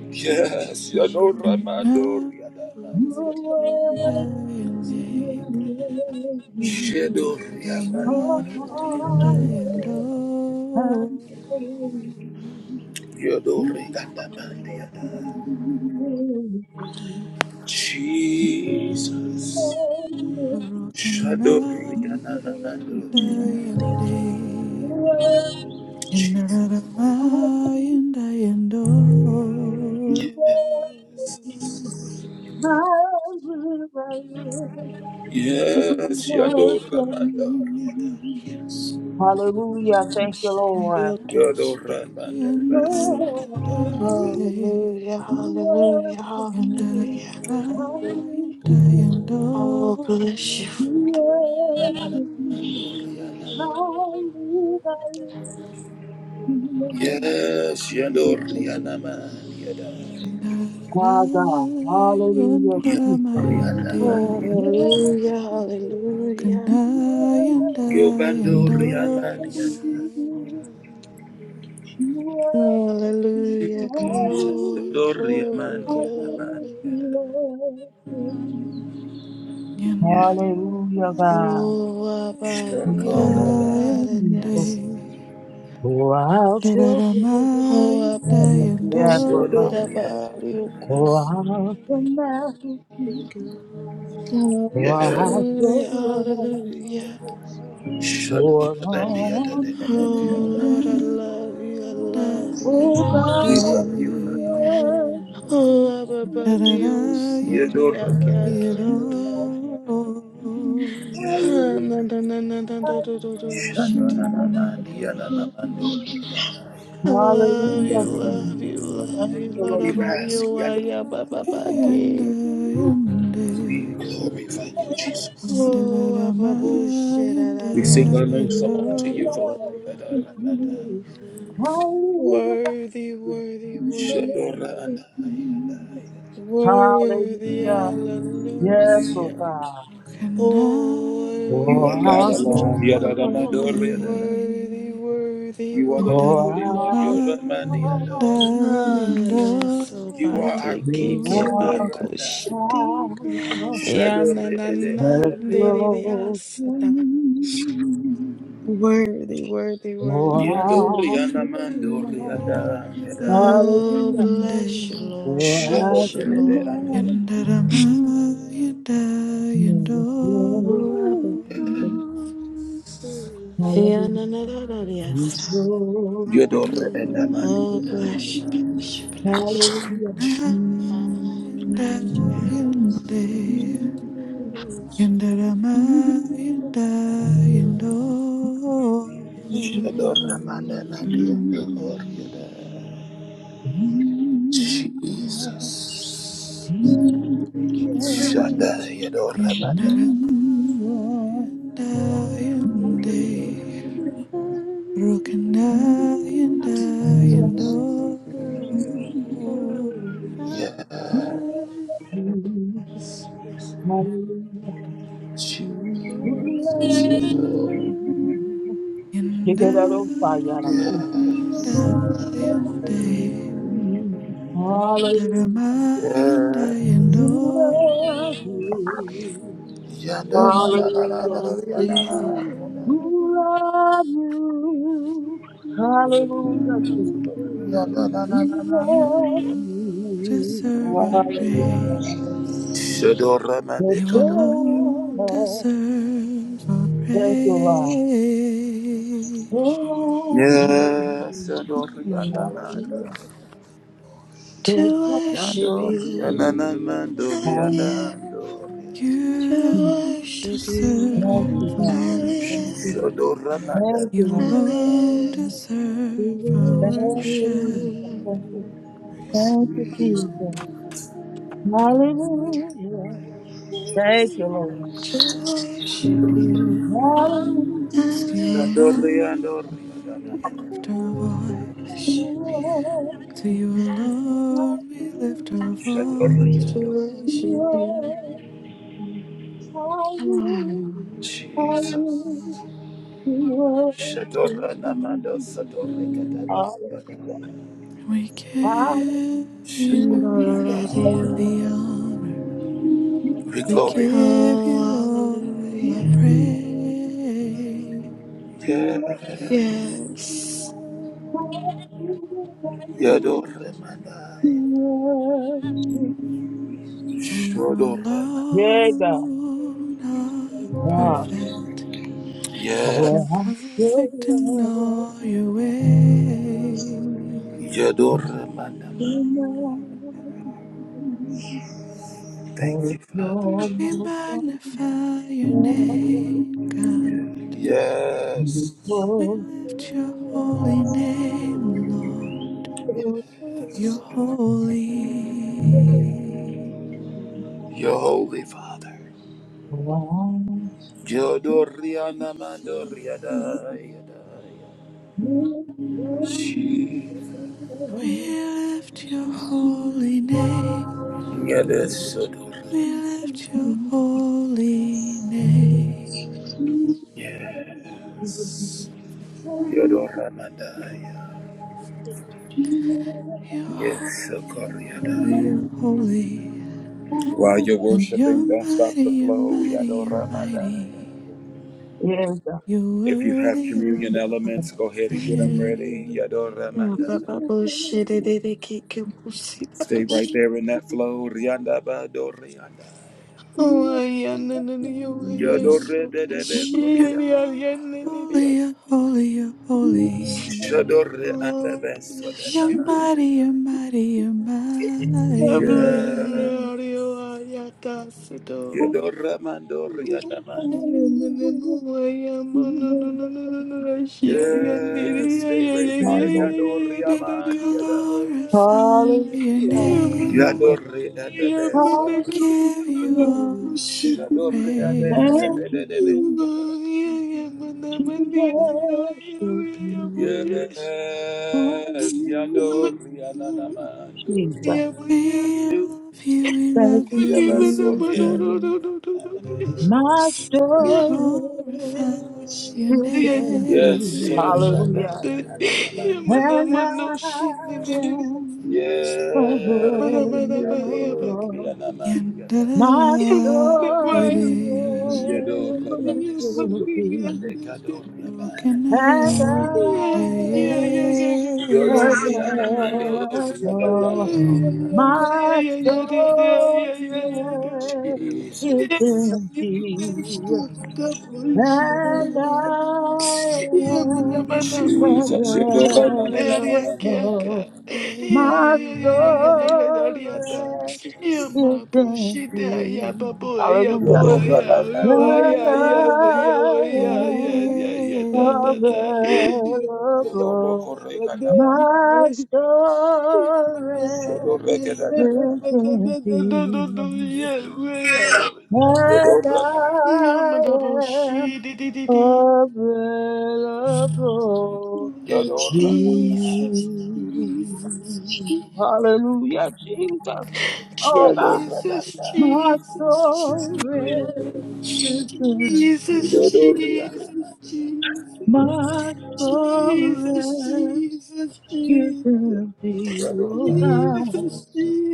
E: Glory to your
A: Yes,
E: name, Jesus.
A: Yado
F: Who can I
A: Ramando Riadamas.
E: Glory to your
F: and
E: name,
F: I and
E: Jesus.
F: they and
A: Yado
E: Mandian
F: that am
A: Riaman.
E: Sula
F: I and I
E: Bakatur and
F: and
E: Elebantu.
F: oh
A: Yado Riadamandiada.
B: you.
A: Jesus.
F: Who can I
A: Shado Riananando.
F: and I and
E: Thank you.
F: they Yandara,
A: Yes. Yes, Yado Ramando. Riada.
C: you. Yes.
B: Hallelujah. Thank you,
C: Feel to
A: Yado
C: speak.
A: Ramando. Riada.
F: yandara,
C: Hallelujah, hallelujah, hallelujah.
B: Lord.
C: Oh, bless you.
A: Yes, Yado Rianamandiada.
B: My God. Hallelujah.
A: Yado
B: Jesus.
F: mayende.
A: Rianamandiada.
B: Yes,
C: Hallelujah,
F: Broken
C: hallelujah.
B: you
F: I
B: are
F: and I
A: Yobando
F: and oh,
A: Rianamandiada.
B: King.
E: Thank you,
B: You are
C: Hallelujah.
A: Jesus,
C: Glory,
B: King.
A: Doria
C: glory,
A: Mania,
B: Hallelujah.
C: glory.
E: Jesus. Be
F: and
E: glory,
A: yes,
F: am I
B: Hallelujah, God.
C: Hoa ba
F: and I
B: Yes,
C: riona
F: and I,
B: Jesus.
C: naredias.
B: Pour out
F: and
B: your glory.
C: Hoa
F: and I
C: ba ba
F: and
B: Yes,
F: oh,
B: oh God.
C: shida ba
B: Pour
C: riokus.
B: out your
E: be
B: majesty.
E: glory,
B: Pour out
A: yes,
B: your
C: Hallelujah, hallelujah.
B: love.
E: yes, Lord.
B: Pour on
E: Be
C: Oh
F: broken I
C: Lord, I
B: me.
E: glory,
C: love you, I
F: and I
C: love
B: Oh
C: you.
A: we
B: God,
A: love you,
B: we
A: Father.
B: worship you.
C: Oh, ba ba dios
F: and
E: be
F: I.
C: igia gia
F: da
C: gia.
B: We worship
C: Ah,
B: you.
C: na na na na na do do do do shiti.
D: Thank you,
C: I love you,
B: Hallelujah,
C: love
B: Jesus.
C: you, love
B: Thank
C: you,
E: glory.
B: you,
C: Lord
A: We
B: Lord.
F: Broken
C: Abadio,
A: ask,
C: Waya
F: I and
C: Baba
F: I and
A: we
F: I
A: glorify you, Jesus.
F: and I
C: Oh,
F: am
C: Abba,
F: I
C: bullshit,
F: and
A: We sing a
F: I
A: new
F: and
A: song to
F: oh.
A: you, Father.
C: Lord.
A: Yadorabanda,
C: Worthy, worthy, worthy,
A: Shadoranda, Yadai.
D: Jesus.
C: worthy,
B: Hallelujah. Yes, Lord
C: hallelujah.
B: God.
F: Broken
C: Oh,
F: I
A: You are
B: Oh,
C: worthy,
A: God
F: and
B: how sweet
A: alone,
F: I
B: love.
F: and
C: worthy,
F: I
C: worthy,
A: You are the
F: and I
C: worthy.
B: Oh,
A: Holy
F: am
A: One,
B: how sweet
F: I
B: love.
F: and I
A: Yoramandiada.
C: Ah,
F: and
E: It's
C: that's
E: like,
C: so
A: You
C: bad.
A: are
F: oh.
A: our peace,
C: Get back,
B: Love is
C: oh shit.
A: Yadoranda.
B: power
E: be
C: Yeah,
E: gone,
C: na
A: Shadore
C: na
E: be
A: Ede
C: na,
B: that
E: gone,
C: de de
A: Adoriana.
C: de, ah,
B: flows through
C: sata.
B: me.
C: Worthy, worthy,
B: Oh,
C: worthy.
F: Broken I
B: how
A: Yadoriana
B: sweet love.
E: be
A: Mandoriana.
F: and I
A: Eda.
E: gone,
C: Oh,
B: Hallelujah.
C: bless you,
F: and I
C: Lord.
B: Oh, how
C: Bless you,
A: Shadore
B: sweet
A: Ede
C: Lord.
B: love.
A: Ador.
B: That
F: Yandarama, yanda, yando.
B: flows through
E: oh,
C: Murababaking.
B: me.
E: gone
B: Hallelujah. It
C: Yananadadadiasa.
B: flows through
A: Yodore
B: me.
C: Oh,
A: Edamandiada.
C: bless you, bless you, bless you.
F: Yokana,
B: Hallelujah.
C: Oh,
F: yanda, yande.
B: Hallelujah.
F: Yandarama, yanda, yando.
A: Shadore
C: bless
A: Mandamandia.
C: you. Mm.
A: Yodoriada. Jesus.
E: Thank you, Jesus.
A: Shada Yadorabada.
F: Yandarama, yanda,
E: Be
F: yande.
E: glorified,
F: Yokana, yanda,
E: be
F: yando.
E: glorified.
A: Yeah.
E: Yes, Lord.
A: Jesus.
B: Get
F: And I,
B: that old fire out of you.
A: Yeah.
F: and I, and I,
B: Hallelujah.
F: Randaramai, and
A: Yeah.
F: I, and
B: You
F: oh.
B: love you.
A: Yanda na na na na na
B: Hallelujah.
A: yana.
C: Hallelujah.
B: You love you. Hallelujah, Jesus.
A: Yanda na na
F: And
B: You
A: na na.
B: love
F: You
B: you.
F: deserve our
B: Hallelujah.
F: praise.
A: Shadora
B: Thank
A: mande
F: You
B: you,
A: kodo.
F: alone
B: Lord.
F: deserve our
B: Thank you, Lord.
F: praise.
A: Yes, Shador yanda
C: Mm.
A: na na.
B: Hallelujah. Thank
C: To
B: you,
C: worship
A: Yando
C: you,
A: yana na mando
C: I live.
A: yana
B: Lord.
A: do.
F: And
C: To
F: you
C: worship you,
B: Thank you,
F: deserve our
B: God.
C: I
B: Thank
F: worship.
C: live.
B: you.
A: Shadora mande
B: Thank you,
F: You
C: I
B: Lord.
F: alone
A: yana.
C: live.
E: Thank you.
C: To
F: deserve our
C: worship
B: Thank you,
F: worship.
B: Jesus.
E: Is
C: you,
B: Thank you, Thank you, Jesus. Hallelujah. Thank you, Lord.
C: to worship you. I
B: Hallelujah.
F: It's you
C: live
A: Shador yando yana
F: alone
A: na
F: we
A: na na.
F: lift our voice. To you alone we lift our
A: Shador
F: voice.
C: to
A: yando.
C: worship
B: You
C: you. Mm,
A: Jesus. Shadora na mando sadore kadaba.
F: We give you
A: We
F: all
C: Hallelujah.
F: the honor. We
A: glorify.
F: give
C: Oh,
F: you all our
C: hallelujah.
F: praise.
A: Yeah.
E: the
C: Yes.
E: you. I
A: Yadoramanai.
E: just
F: For you
A: Shodoramai.
B: Yeah, God.
E: need
F: alone
E: you
F: are
B: Huh.
F: perfect.
E: by my side. Thank
F: You're
B: For
A: Yes.
B: I so love
F: perfect in all your ways.
B: tonight.
A: Yadoramanai.
B: And
A: Thank
B: it's
A: you, Father.
B: all
F: We
B: because it's
F: magnify your name, God.
A: Yes.
F: We lift your holy name,
E: you,
F: Lord.
A: yes.
F: You're holy.
A: Your Holy Father. Yodoriana mandoriada.
E: Jesus.
A: Jesus.
F: We lift your holy name.
E: Thank you, Jesus.
A: Yadesodor.
F: We lift your holy name.
A: Yes. Yodoramandai.
E: Thank you, Jesus.
F: You're
A: Yes,
F: holy, you're
A: Sokoriada.
F: holy, you're holy.
A: While
B: all
A: you're
B: right.
F: And you're
A: worshiping, don't stop
F: mighty,
A: the
F: you're
A: flow.
F: mighty, you're
A: Yadoramadaya.
F: mighty.
B: Yes, God. Yes,
F: You're
A: If you have
F: worthy of
A: communion
F: our
A: elements, go ahead and get them ready.
F: praise.
C: Yeah,
A: Yadoramadaya.
C: Papa, bullshit, it, it, it, kick, kick, pussy, that
A: Stay right
C: bullshit.
A: there in that flow. Riandabadoriandaya.
C: Oh, yeah, no, no, no, you, yes, you, bullshit,
F: You're
C: it,
A: Yadorededebekoriandaya.
C: yeah, yeah, no, no,
F: holy,
C: yes.
F: you're holy, you're
B: God.
F: holy.
C: Oh, bless
F: You're
C: you,
B: Hallelujah.
C: God.
F: mighty, you're
A: Shadoreandabesodenamadiada.
F: mighty, you're
C: Yeah, blood,
A: Yeah.
F: mighty.
C: yeah, yeah, yeah, that's it, oh.
A: Yadoramandoriandamadiada. Yeah. Stay right there.
F: We
A: Yadoriamadiada.
F: glorify your name.
B: Jesus.
A: Yadore adabesa.
F: We
B: Hallelujah.
F: give
E: Thank
F: you
E: you.
F: all
B: Jesus.
F: the
A: Shadore adabesa.
B: Thank
F: praise.
B: you, Jesus, to worship you.
A: Yes,
B: Hallelujah.
A: Yadore ananamando.
B: Jesus.
F: We
C: Yeah,
F: love you, we
B: Thank
F: love
B: you,
F: you,
C: Mani
F: we
B: Jesus.
F: love
C: manamano
A: Yabasore
C: no no no
F: you.
A: adore.
C: no no yes.
B: Master
F: We
C: Yeah man
B: is
F: glorify
C: manamushi.
F: your
B: to
C: Yeah that
B: thank
C: that
A: Yes,
C: that
B: you.
F: name.
C: yeah
A: Shadore
C: man
B: Hallelujah.
C: that yeah
A: ananamando.
B: And I
C: manamano shit. Then they they they
B: am.
A: Yes,
C: manamana paia
A: Yadore
C: paqueo.
B: forever.
A: anamando.
F: Yandarara,
B: My
C: Yeah man mani
B: story
F: yere.
C: shit
A: Yadore
C: mani
B: will
A: anamando.
C: mani yes
B: be,
A: Adekadore anamando.
B: and I
C: yes
F: Rokanayandaye.
C: yes yes yes
B: am
A: Yadore anamando. Yadore
C: yes yes
B: available.
C: yes yes yes yes yes
B: My
C: yes
B: story
C: yes yes yes
A: anamando.
B: is
C: Yeah, yeah, man, man,
B: empty,
C: man,
B: and I
C: man, man, man, man, man, man, man, man,
B: am
C: man,
A: Jesus, you do ra na na na na na do ra
B: available.
A: na
B: My story
A: na na na na.
B: is empty.
A: Jesus, you
B: Hallelujah.
A: do ra na na
B: When
A: do ra na na na na na
B: I
A: na do.
F: Nandayere.
B: am
A: You do ro
B: available,
A: ko re ka na ma.
B: my
A: You
B: story
A: do re ke na na na na
B: is
A: na.
B: empty.
C: yeah, yeah,
B: When
A: You do ra na na.
B: I
C: Yamadaba she dee dee dee
B: am
C: dee.
B: available
A: You
C: Oh,
A: do
B: to you.
A: ra na.
C: Jesus, Jesus, Je-
B: Hallelujah, Jesus.
E: Thank you,
B: Oh
A: You do
B: God,
A: ra
E: Jesus.
A: na
C: Jesus,
A: na.
B: my
C: Jesus, Je-
A: You do
B: story.
A: ra na na.
B: My
A: You
C: Jesus,
A: do ra
C: Jesus, Jesus, Jesus,
A: na na.
C: Jesus,
B: soul is
C: Jesus.
B: empty,
A: You do ra na
B: oh
A: na.
B: God.
C: Jesus,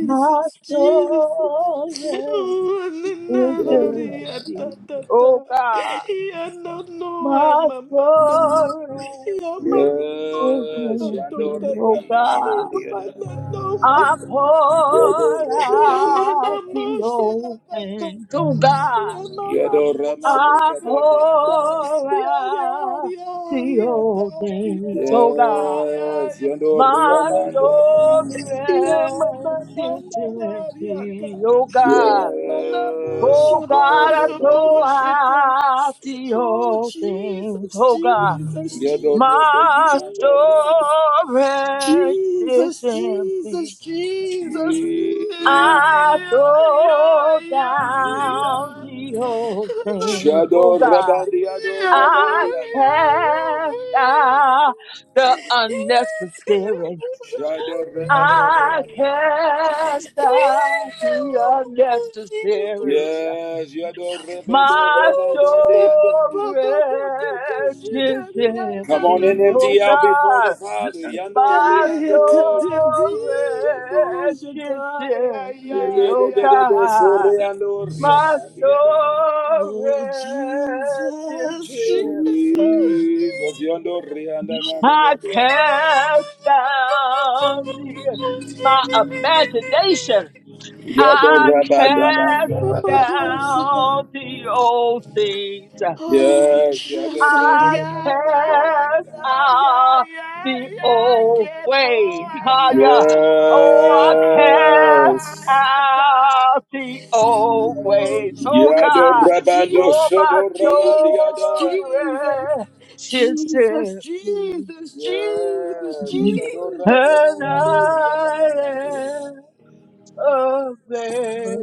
B: My
C: Jesus.
B: soul
C: Oh, and
B: is
A: Yes,
C: another, yeah,
B: empty,
C: da, da,
B: oh
C: da.
B: God.
C: Yeah, no,
B: My
C: no,
B: soul
C: Yeah,
B: is
A: you do
B: empty,
A: ra na
B: oh
A: na.
B: God. I
A: You do
B: pour
A: ra
B: out
A: na na.
B: the old things, oh God.
A: Yado Ramando
B: I
A: Kadori Adabas.
B: pour out the old things, oh God.
A: Yes, Yado
B: My
A: Ramando.
B: storage is empty, oh God.
A: Yes,
B: Oh God,
A: Yado
B: I
A: Rabadi.
B: throw out the
C: Oh,
B: old things,
C: Jesus,
B: oh God.
C: Jesus,
A: Yado
C: Jesus,
A: Rebeki
B: My
A: Andori
C: Jesus.
A: Adabas.
B: storage is
C: Jesus,
B: empty.
C: Jesus, Jesus.
A: Jesus.
B: I throw down the old things, oh
A: Shadow
B: God.
A: Rabandi Yado
B: I
A: Rabandi Adabas.
B: cast out the unnecessary.
A: Shadow Rabandi
B: I
A: Adabas.
B: cast out the unnecessary.
A: Yes, Yado Rebedo
B: My
A: Rabandi
B: storage
A: Adabas.
B: is
C: Yeah, yeah,
A: Come
C: yeah,
A: on
C: yeah,
B: empty,
A: in,
B: oh
A: empty
C: yeah.
A: out before the
B: God.
A: Father. Yando
C: Ya
B: My
C: ya ya ta
A: riando
C: ta
A: riaba.
C: ti do sha
B: storage is
C: ta ya ya
B: empty, oh
C: ya.
A: Yedededede so
B: God.
A: riando
B: My
A: riaba riada.
B: storage
C: Oh
B: is
C: Jesus,
A: Jesus,
B: empty.
C: Jesus,
A: yando rianda nandi
B: I
A: yado.
B: cast down the, my imagination
A: Yado
B: I
A: raba
B: cast
A: daba.
C: Jesus.
B: down the old things. I
C: Oh,
A: Yes, yado
C: just
A: rede
C: Ariata,
A: nanamando
B: cast
A: riada.
C: ya, ya,
B: out
C: ya,
B: the
C: ya,
B: old
C: que
B: ways.
C: boa,
B: Haya.
C: ya,
B: Oh,
C: ya,
B: I
C: ya,
B: cast
A: Yes.
C: ya, ya,
B: out the old
C: Oh,
B: ways. Oh
A: Yado
B: God.
C: Jesus,
A: rabando
B: Oh, my
C: Jesus,
A: sodo rabadi
C: Jesus,
B: soul
A: yadai.
C: Jesus,
B: rests
C: Jesus,
B: in thee.
C: Jesus, Jesus,
A: Yes,
C: Jesus,
A: Yadorada,
B: And I am
C: Oh,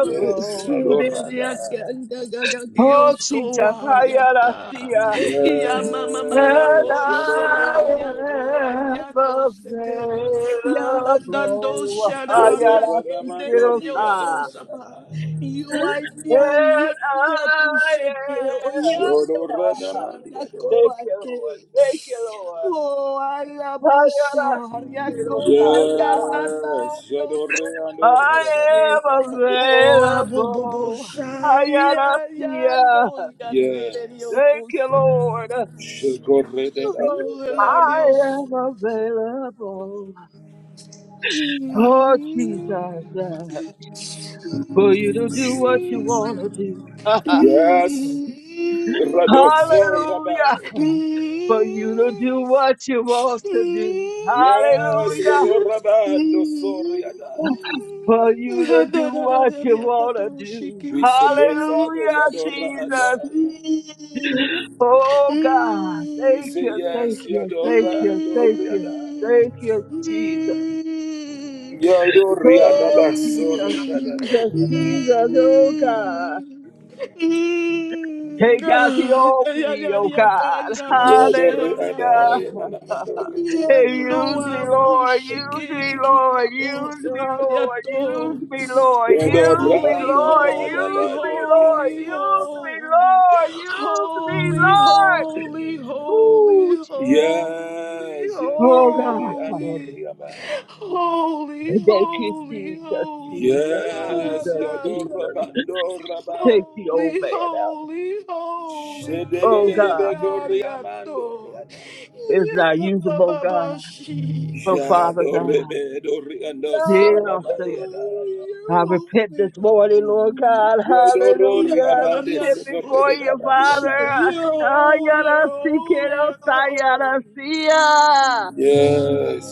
A: Yes, Yadorada,
B: Oh, Jesus, I gotta see ya. And
A: Yes,
B: I
A: Yadorada,
B: am available. I gotta
A: Yadorada
B: see kiddos,
A: Mandori,
B: ah.
A: Yadorada,
B: And I am. ah,
A: Yadorada Mandi, Yadorada.
B: Thank you, Lord. Thank you, Lord.
C: Oh, a alla
B: I gotta
C: bushar, ya ko,
B: ah,
C: ya
B: yeah.
C: nandar,
A: Yes,
C: yo
A: Yadorada
B: I
C: so
B: am
A: Andorada,
C: Oh, bababa,
B: available. I
C: say,
B: gotta
C: yeah, yeah, don't get it in your
A: Yes,
B: Thank you,
C: guts,
B: Lord.
A: Shagorada
C: oh, Lord,
B: I
A: Andorada,
B: am available, oh Jesus, uh, for you to do what you want to do.
A: Yes, Radofo
B: Hallelujah,
A: Rabbi.
B: for you to do what you want to do.
A: Yes,
B: Hallelujah,
A: Yadora Bando Soriada.
B: for you to do what you want to
C: Jesus.
B: do.
A: We submit, Father,
B: Hallelujah,
A: Yadora
B: Jesus.
A: Adai.
B: Oh God,
A: We
B: thank
A: say
B: you, thank
A: yes,
C: Mm,
B: you,
C: mm,
B: thank
A: Yadora
B: you, thank you,
A: Adoriada.
B: thank you,
C: mm,
B: Jesus.
C: mm,
A: Yadoriada
B: Oh, Jesus,
A: Basoriada.
B: Jesus,
C: mm,
B: Jesus, oh God.
C: mm.
B: Take out the
C: Ah, ya-
B: old
C: ya-
B: me,
C: ya-
B: oh
C: ya-
B: God.
C: kanga bo
B: Hallelujah.
C: share
A: Yadoriada
C: sheriato.
B: Hey,
A: Yamanamandoriada.
C: Yendo
B: use me, Lord. Use
C: abushiki
B: me,
C: kiki
B: Lord. Use me, Lord.
C: abutariato.
B: Use me, Lord. Use me,
A: Yadora
C: Holy,
B: Lord.
A: Adorada
C: holy,
B: Use me, Lord.
C: holy,
B: Use
A: Badoriada.
B: me,
C: holy,
B: Lord. Use me,
C: holy,
B: Lord.
C: holy, holy,
B: Ooh,
C: holy,
B: Jesus.
A: Yes,
B: Oh
A: Yadorade
B: God.
C: holy,
A: Andoriaba.
C: holy,
B: Thank you,
C: holy,
B: Jesus,
C: holy,
B: Jesus,
A: Yes,
B: Jesus,
A: Yadora
C: Anata.
B: Jesus. Take
A: Bandoraba.
B: the old
C: Holy,
B: man out.
C: holy, holy,
B: Oh
C: get
B: God.
C: out of your door.
B: is not
C: Yeah,
B: usable,
C: Baba
B: God.
C: Bashi.
B: But Father God,
C: God,
B: hear us, Lord.
C: you're
B: I
C: holy,
B: repent this
C: you're
B: morning, Lord
C: holy.
B: God. Hallelujah. I
C: Yada, yada,
B: repent
C: so,
B: before
C: sada,
B: you,
C: bashi.
B: Father.
C: You're
B: Oh,
C: holy, you're
B: yada, see,
C: holy,
B: kiddo,
C: you're
B: yada,
C: holy.
B: see ya.
A: Yes.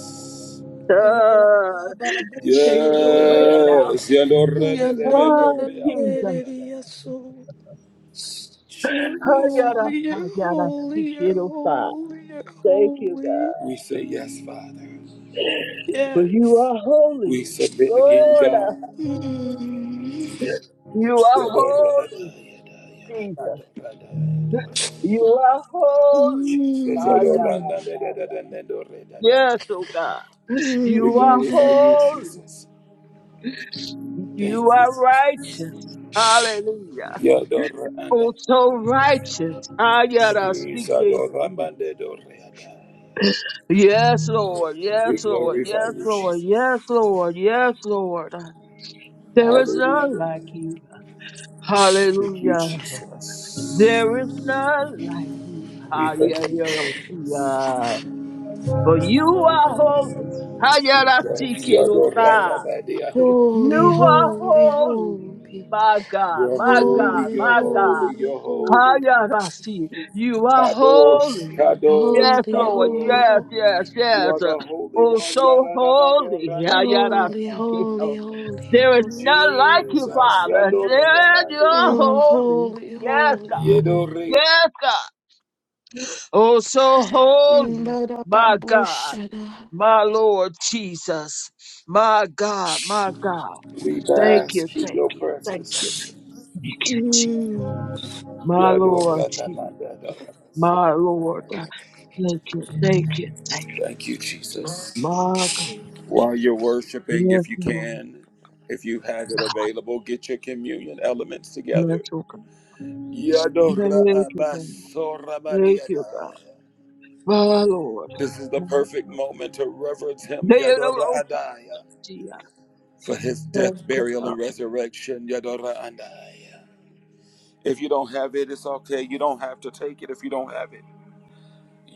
C: Goa,
B: Uh,
C: Baba
B: take it away
C: Bushiri.
B: now.
A: Yes.
C: Yada, na, na,
B: Oh,
C: na, na,
B: Jesus.
C: na, na, so. You're
B: Oh,
A: Jesus.
B: yada,
C: holy,
B: sa,
C: you're
B: yada,
C: holy,
B: see,
C: you're
B: kiddo,
C: holy, you're
B: Thank you,
C: holy.
B: God.
A: We say yes, Father.
B: For you
C: Yes.
B: are
A: We
B: holy,
A: submit again,
B: Lord.
A: God.
C: Mm.
B: You are holy, Jesus. You are holy.
A: Jesus,
B: Ah, yeah.
A: adorando,
C: Mm.
A: adorando, adorando, nana.
B: Yes, oh God.
A: We
B: You are
A: glorify
C: Mm.
A: you,
B: holy.
A: Jesus. Thank you,
B: You are
A: Jesus.
B: righteous. Hallelujah.
A: Adorando,
B: Oh, so righteous. Ah, yeah. that's
A: Jesus,
B: CKC.
A: adorando, adorando, nana.
B: Yes, Lord.
A: We
B: Yes, Lord.
A: glorify
B: Yes,
A: you,
B: Lord.
A: Jesus.
B: Yes, Lord. Yes, Lord. There is none like
A: Hallelujah.
B: you.
A: Thank you,
B: Hallelujah.
A: Jesus.
B: There is none like you.
A: We
B: Ah,
A: thank
B: yeah,
A: you,
B: yeah, oh,
A: Jesus.
B: yeah. For you are holy. Ah, yeah, that's
A: Adorando,
B: CKC.
A: adorando, adorando.
C: Holy,
B: You are
C: holy,
B: holy,
C: holy.
B: my God,
A: You're
B: my
A: holy,
B: God,
C: Holy,
A: you're
B: my God.
A: holy,
C: holy,
A: you're
C: holy.
A: holy.
B: Hayarasi, you are
A: Ados,
B: holy.
A: ados,
B: Yes,
C: Holy,
B: Lord,
C: holy,
A: ados.
B: yes,
C: holy.
B: yes,
A: You
B: yes.
A: are the Holy
B: Oh,
A: One.
B: so
A: Yadadamando
B: holy.
C: Holy,
B: Hayarasi,
A: radamandiata.
C: holy,
B: Keto.
C: holy,
B: There is
C: holy.
B: none like you,
A: Jesus.
B: Father. Yes, you are
A: Yadoriamandiata.
C: Oh,
B: holy.
C: holy,
B: Yes,
C: holy,
B: God.
C: holy.
A: Yedori.
B: Yes, God. Oh, so
C: Mm,
B: holy, my God,
C: ba-da-ba-boo-shada.
B: my Lord Jesus, my God, my God.
A: We
B: Thank you,
A: bask in
B: thank
A: your
B: you, thank
A: presence,
B: you.
A: Jesus.
B: Thank you, Jesus. My Lord Jesus. My Lord.
A: Yadoranamandadadamasodaya.
B: Thank you. Thank you. Thank you.
A: Thank you, Jesus.
B: My God.
E: Thank you,
A: While
E: Jesus.
A: you're worshiping,
B: Yes,
A: if you
B: Lord.
A: can, if you have it available, get your communion elements
B: Yes,
A: together.
B: oh God. Thank you, God. Thank you, God.
A: Yadorabasoramadiadaya.
B: My Lord.
A: This is the
B: My
A: perfect moment to reverence him.
B: Lord.
A: Yadoraadaya.
B: Thank
A: for his death,
B: you,
A: burial, and resurrection. Yadora andaya. If you don't have it, it's okay. You don't have to take it if you don't have it.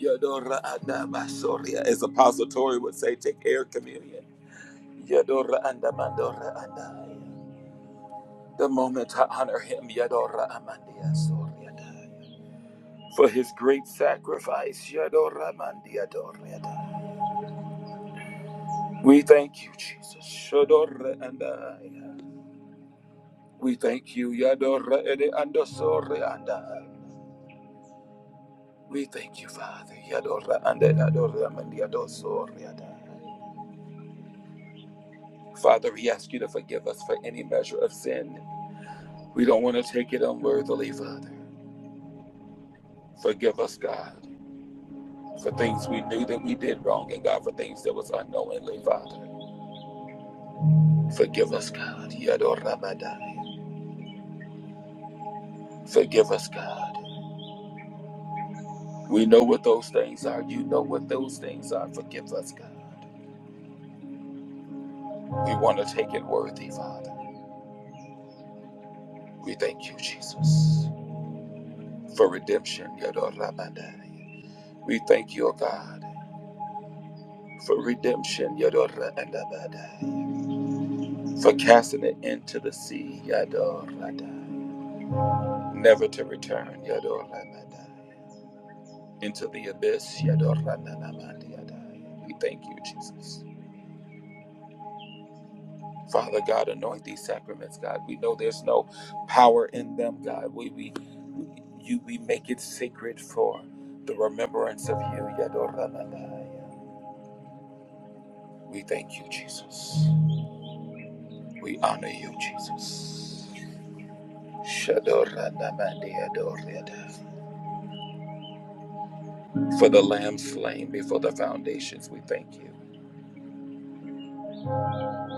A: Yadora andabasoria is a positive. Yadora andamandora andaya. The moment I honor him, Yadora amandia soria daya. for his great sacrifice, Yadora mandia doria daya. We thank you, Jesus. Shadora andaya. We thank you, Yadora ede andosoria andaya. We thank you, Father. Yadorra ande adorra mandi Father, we ask you to forgive us for any measure of sin. We don't want to take it unworthily, Father. Forgive us, God, for things we knew that we did wrong, and God, for things that was on Father. Forgive us, God. Yadorra Forgive us, God. We know what those things are. You know what those things are. Forgive us, God. We want to take it worthy, Father. We thank you, Jesus, for redemption. Yadorra We thank you, O God. for redemption, Yadorabadai, for casting it into the sea, Yadorabadai, never to return, Yadorabadai, into the abyss, Yadorabadai. We thank you, Jesus. Father God, anoint these sacraments, God. We know there's no power in them, God. We we we- you we make it sacred for the remembrance of you, Yadorabadai. We thank you, Jesus. We honor you, Jesus. Shadoranamaniadoriada. For the lamb slain before the foundations, we thank you.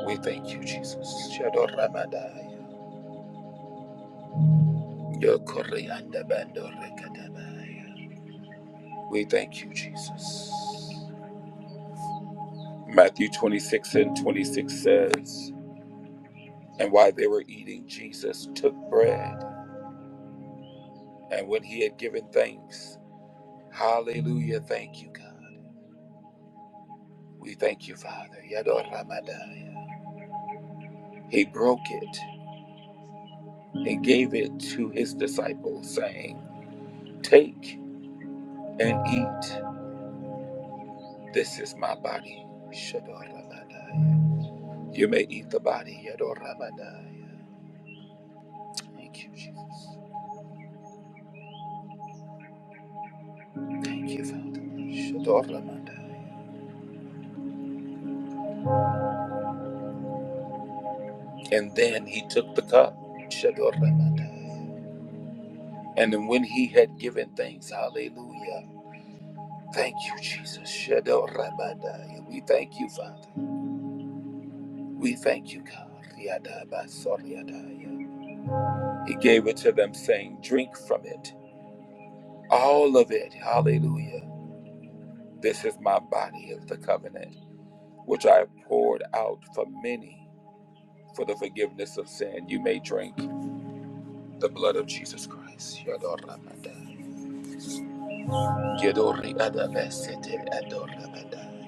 A: We thank you, Jesus. Shadoramadaya. Yokoriandabandorekadabaya. We thank you, Jesus. Matthew 26 and 26 says, And while they were eating, Jesus took bread, and when he had given thanks, Hallelujah, thank you, God. We thank you, Father. Yadoramadaya. He broke it and gave it to his disciples, saying, Take and eat. This is my body. Shadoramadai. You may eat the body. Yadoramadai. Thank you, Jesus. Thank you, Father. Shadoramadai. And then he took the cup. Shadoramadai. And then when he had given thanks, hallelujah. Thank you, Jesus. Shadoramadai. We thank you, Father. We thank you, God. Yadabasoryadai. He gave it to them, saying, Drink from it, all of it. Hallelujah. This is my body of the covenant, which I have poured out for many for the forgiveness of sin. You may drink the blood of Jesus Christ. Yadoramandai. Yadori adabesete adoramandai.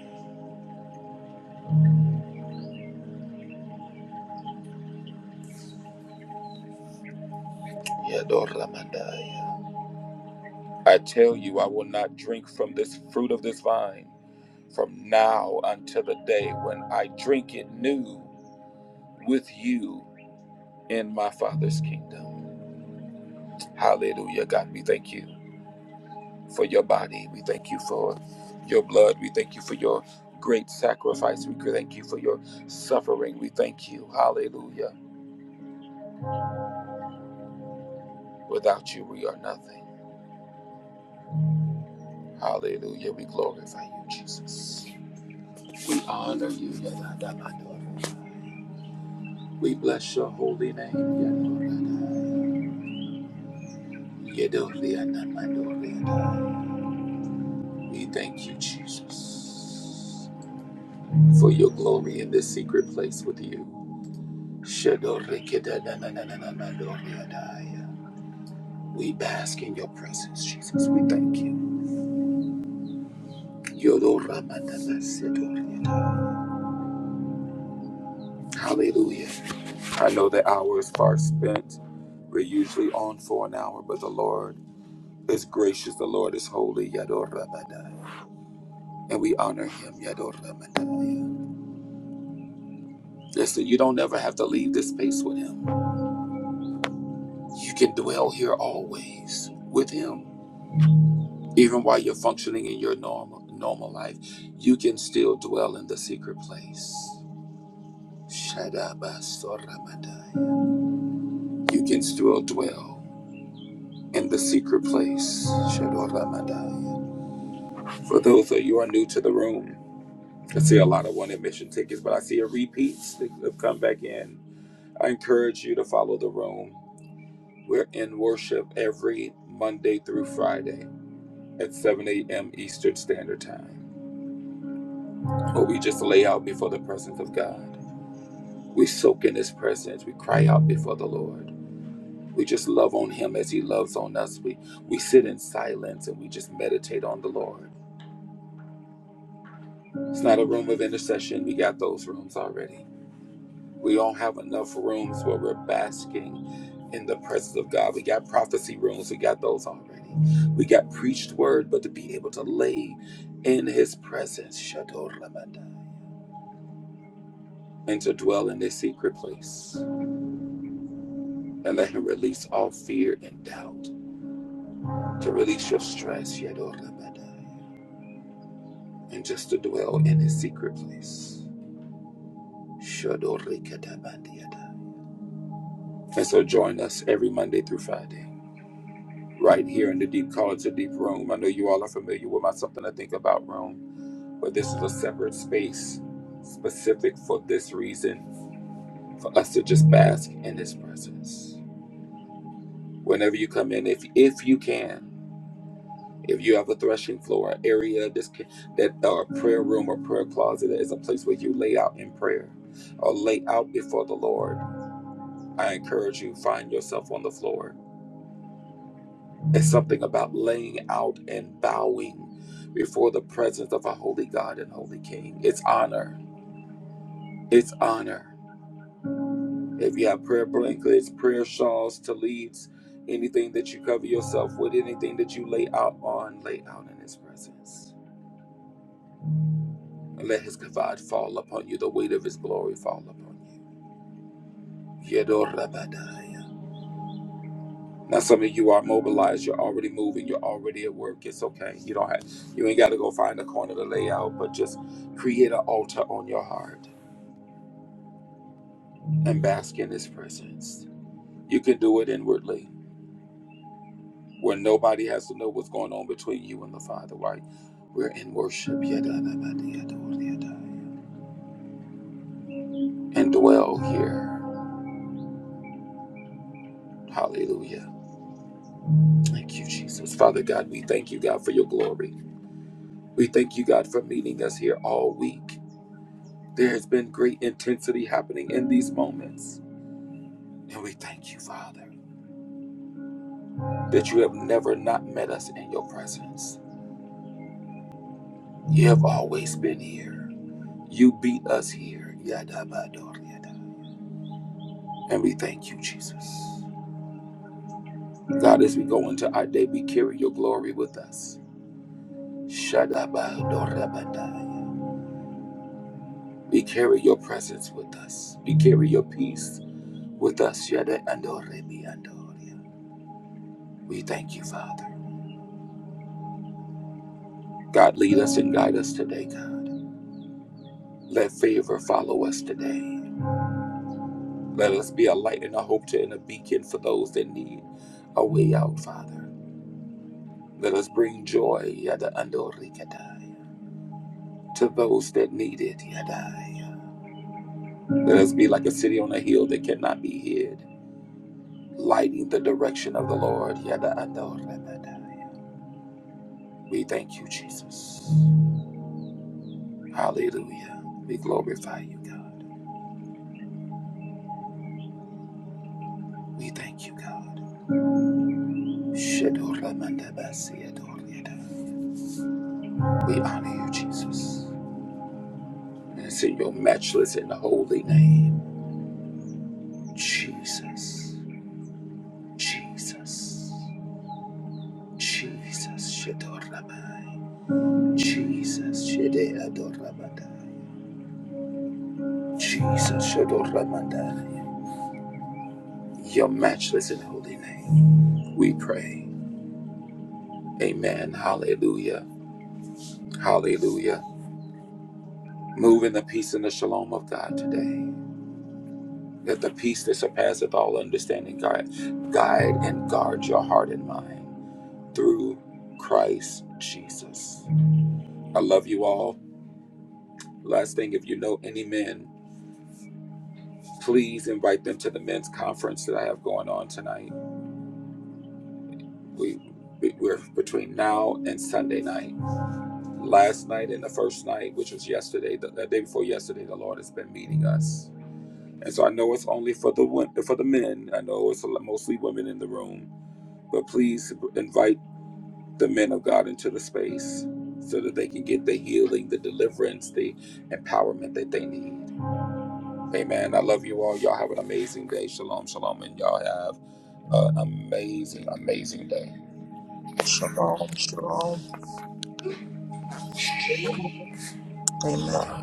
A: Yadoramandai. I tell you, I will not drink from this fruit of this vine from now until the day when I drink it new with you in my Father's kingdom. Hallelujah. God, we thank you for your body. We thank you for your blood. We thank you for your great sacrifice. We thank you for your suffering. We thank you. Hallelujah. Without you, we are nothing. Hallelujah. We glorify you, Jesus. We honor you. Yadadamadora. We bless your holy name. Yadorada. Yadorianamadoriada. We thank you, Jesus, for your glory in this secret place with you. We bask in your presence, Jesus. We thank you. Hallelujah. I know the hour is far spent. We're usually on for an hour, but the Lord is gracious. The Lord is holy. And we honor him. Listen, you don't ever have to leave this space with him. You can dwell here always with him. Even while you're functioning in your normal normal life, you can still dwell in the secret place. Shadabasoramadaya. You can still dwell in the secret place. Shadoramadaya. For those of you who are new to the room, I see a lot of one admission tickets, but I see a repeats that have come back in. I encourage you to follow the room. We're in worship every Monday through Friday at 7 a.m. Eastern Standard Time, where we just lay out before the presence of God. We soak in His presence. We cry out before the Lord. We just love on Him as He loves on us. We we sit in silence and we just meditate on the Lord. It's not a room of intercession. We got those rooms already. We don't have enough rooms where we're basking in the presence of God. We got prophecy rooms. We got those already. We got preached word, but to be able to lay in His presence, shadow Lamandai, and to dwell in His secret place and let Him release all fear and doubt to release your stress, Yadorabadai, and just to dwell in his secret place. Shadorikatabandiadai. And so join us every Monday through Friday, right here in the Deep college, to Deep Room. I know you all are familiar with my Something to Think About room, but this is a separate space specific for this reason, for us to just bask in his presence. Whenever you come in, if if you can, If you have a threshing floor, an area that's, that uh, prayer room or prayer closet that is a place where you lay out in prayer or lay out before the Lord, I encourage you find yourself on the floor. It's something about laying out and bowing before the presence of a holy God and holy King. It's honor. It's honor. If you have prayer blankets, prayer shawls, leads, anything that you cover yourself with, anything that you lay out on, lay out in His presence. Let his kavod fall upon you, the weight of his glory fall upon you. Yedor rabadaya. Now some of you are mobilized, you're already moving, you're already at work. It's okay. You don't have you ain't gotta go find a corner to lay out, but just create an altar on your heart and bask in his presence. You can do it inwardly. Where nobody has to know what's going on between you and the Father, right? We're in worship. Yedor rabadaya, yedor yedaya. And dwell here. Hallelujah. Thank you, Jesus. Father God, we thank you, God, for your glory. We thank you, God, for meeting us here all week. There has been great intensity happening in these moments. And we thank you, Father, that you have never not met us in your presence. You have always been here. You beat us here. Yada And we thank you, Jesus. God, as we go into our day, we carry your glory with us. Shada We carry your presence with us. We carry your peace with us. Yada ando re We thank you, Father. God, lead us and guide us today, God. Let favor follow us today. Let us be a light and a hope to and a beacon for those that need a way out, Father. Let us bring joy, Yada Andorikadai, to those that need it, Yadai. Let us be like a city on a hill that cannot be hid, lighting the direction of the Lord, Yada Andorikadai. We thank you, Jesus. Hallelujah. We glorify you, God. We thank you, God. We honor you, Jesus. And it's in your matchless and holy name, Jesus. Jesus. Jesus. Jesus. Jesus. Your matchless and holy name, we pray. Amen. Hallelujah. Hallelujah. Move in the peace and the shalom of God today. that the peace that surpasseth all understanding guide, guide and guard your heart and mind through Christ Jesus. I love you all. Last thing, if you know any men, please invite them to the men's conference that I have going on tonight. We we- we're between now and Sunday night. Last night and the first night, which was yesterday, the, the day before yesterday, the Lord has been meeting us. And so I know it's only for the for the men. I know it's mostly women in the room, but please invite the men of God into the space so that they can get the healing, the deliverance, the empowerment that they need. Amen. I love you all. Y'all have an amazing day. Shalom, shalom, and y'all have uh, an amazing day.
D: Shalom, shalom.
B: God.
D: Amen.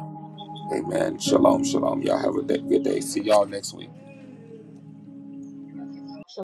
A: Amen. Shalom, shalom. Y'all have a good day. See y'all next week.
G: Okay.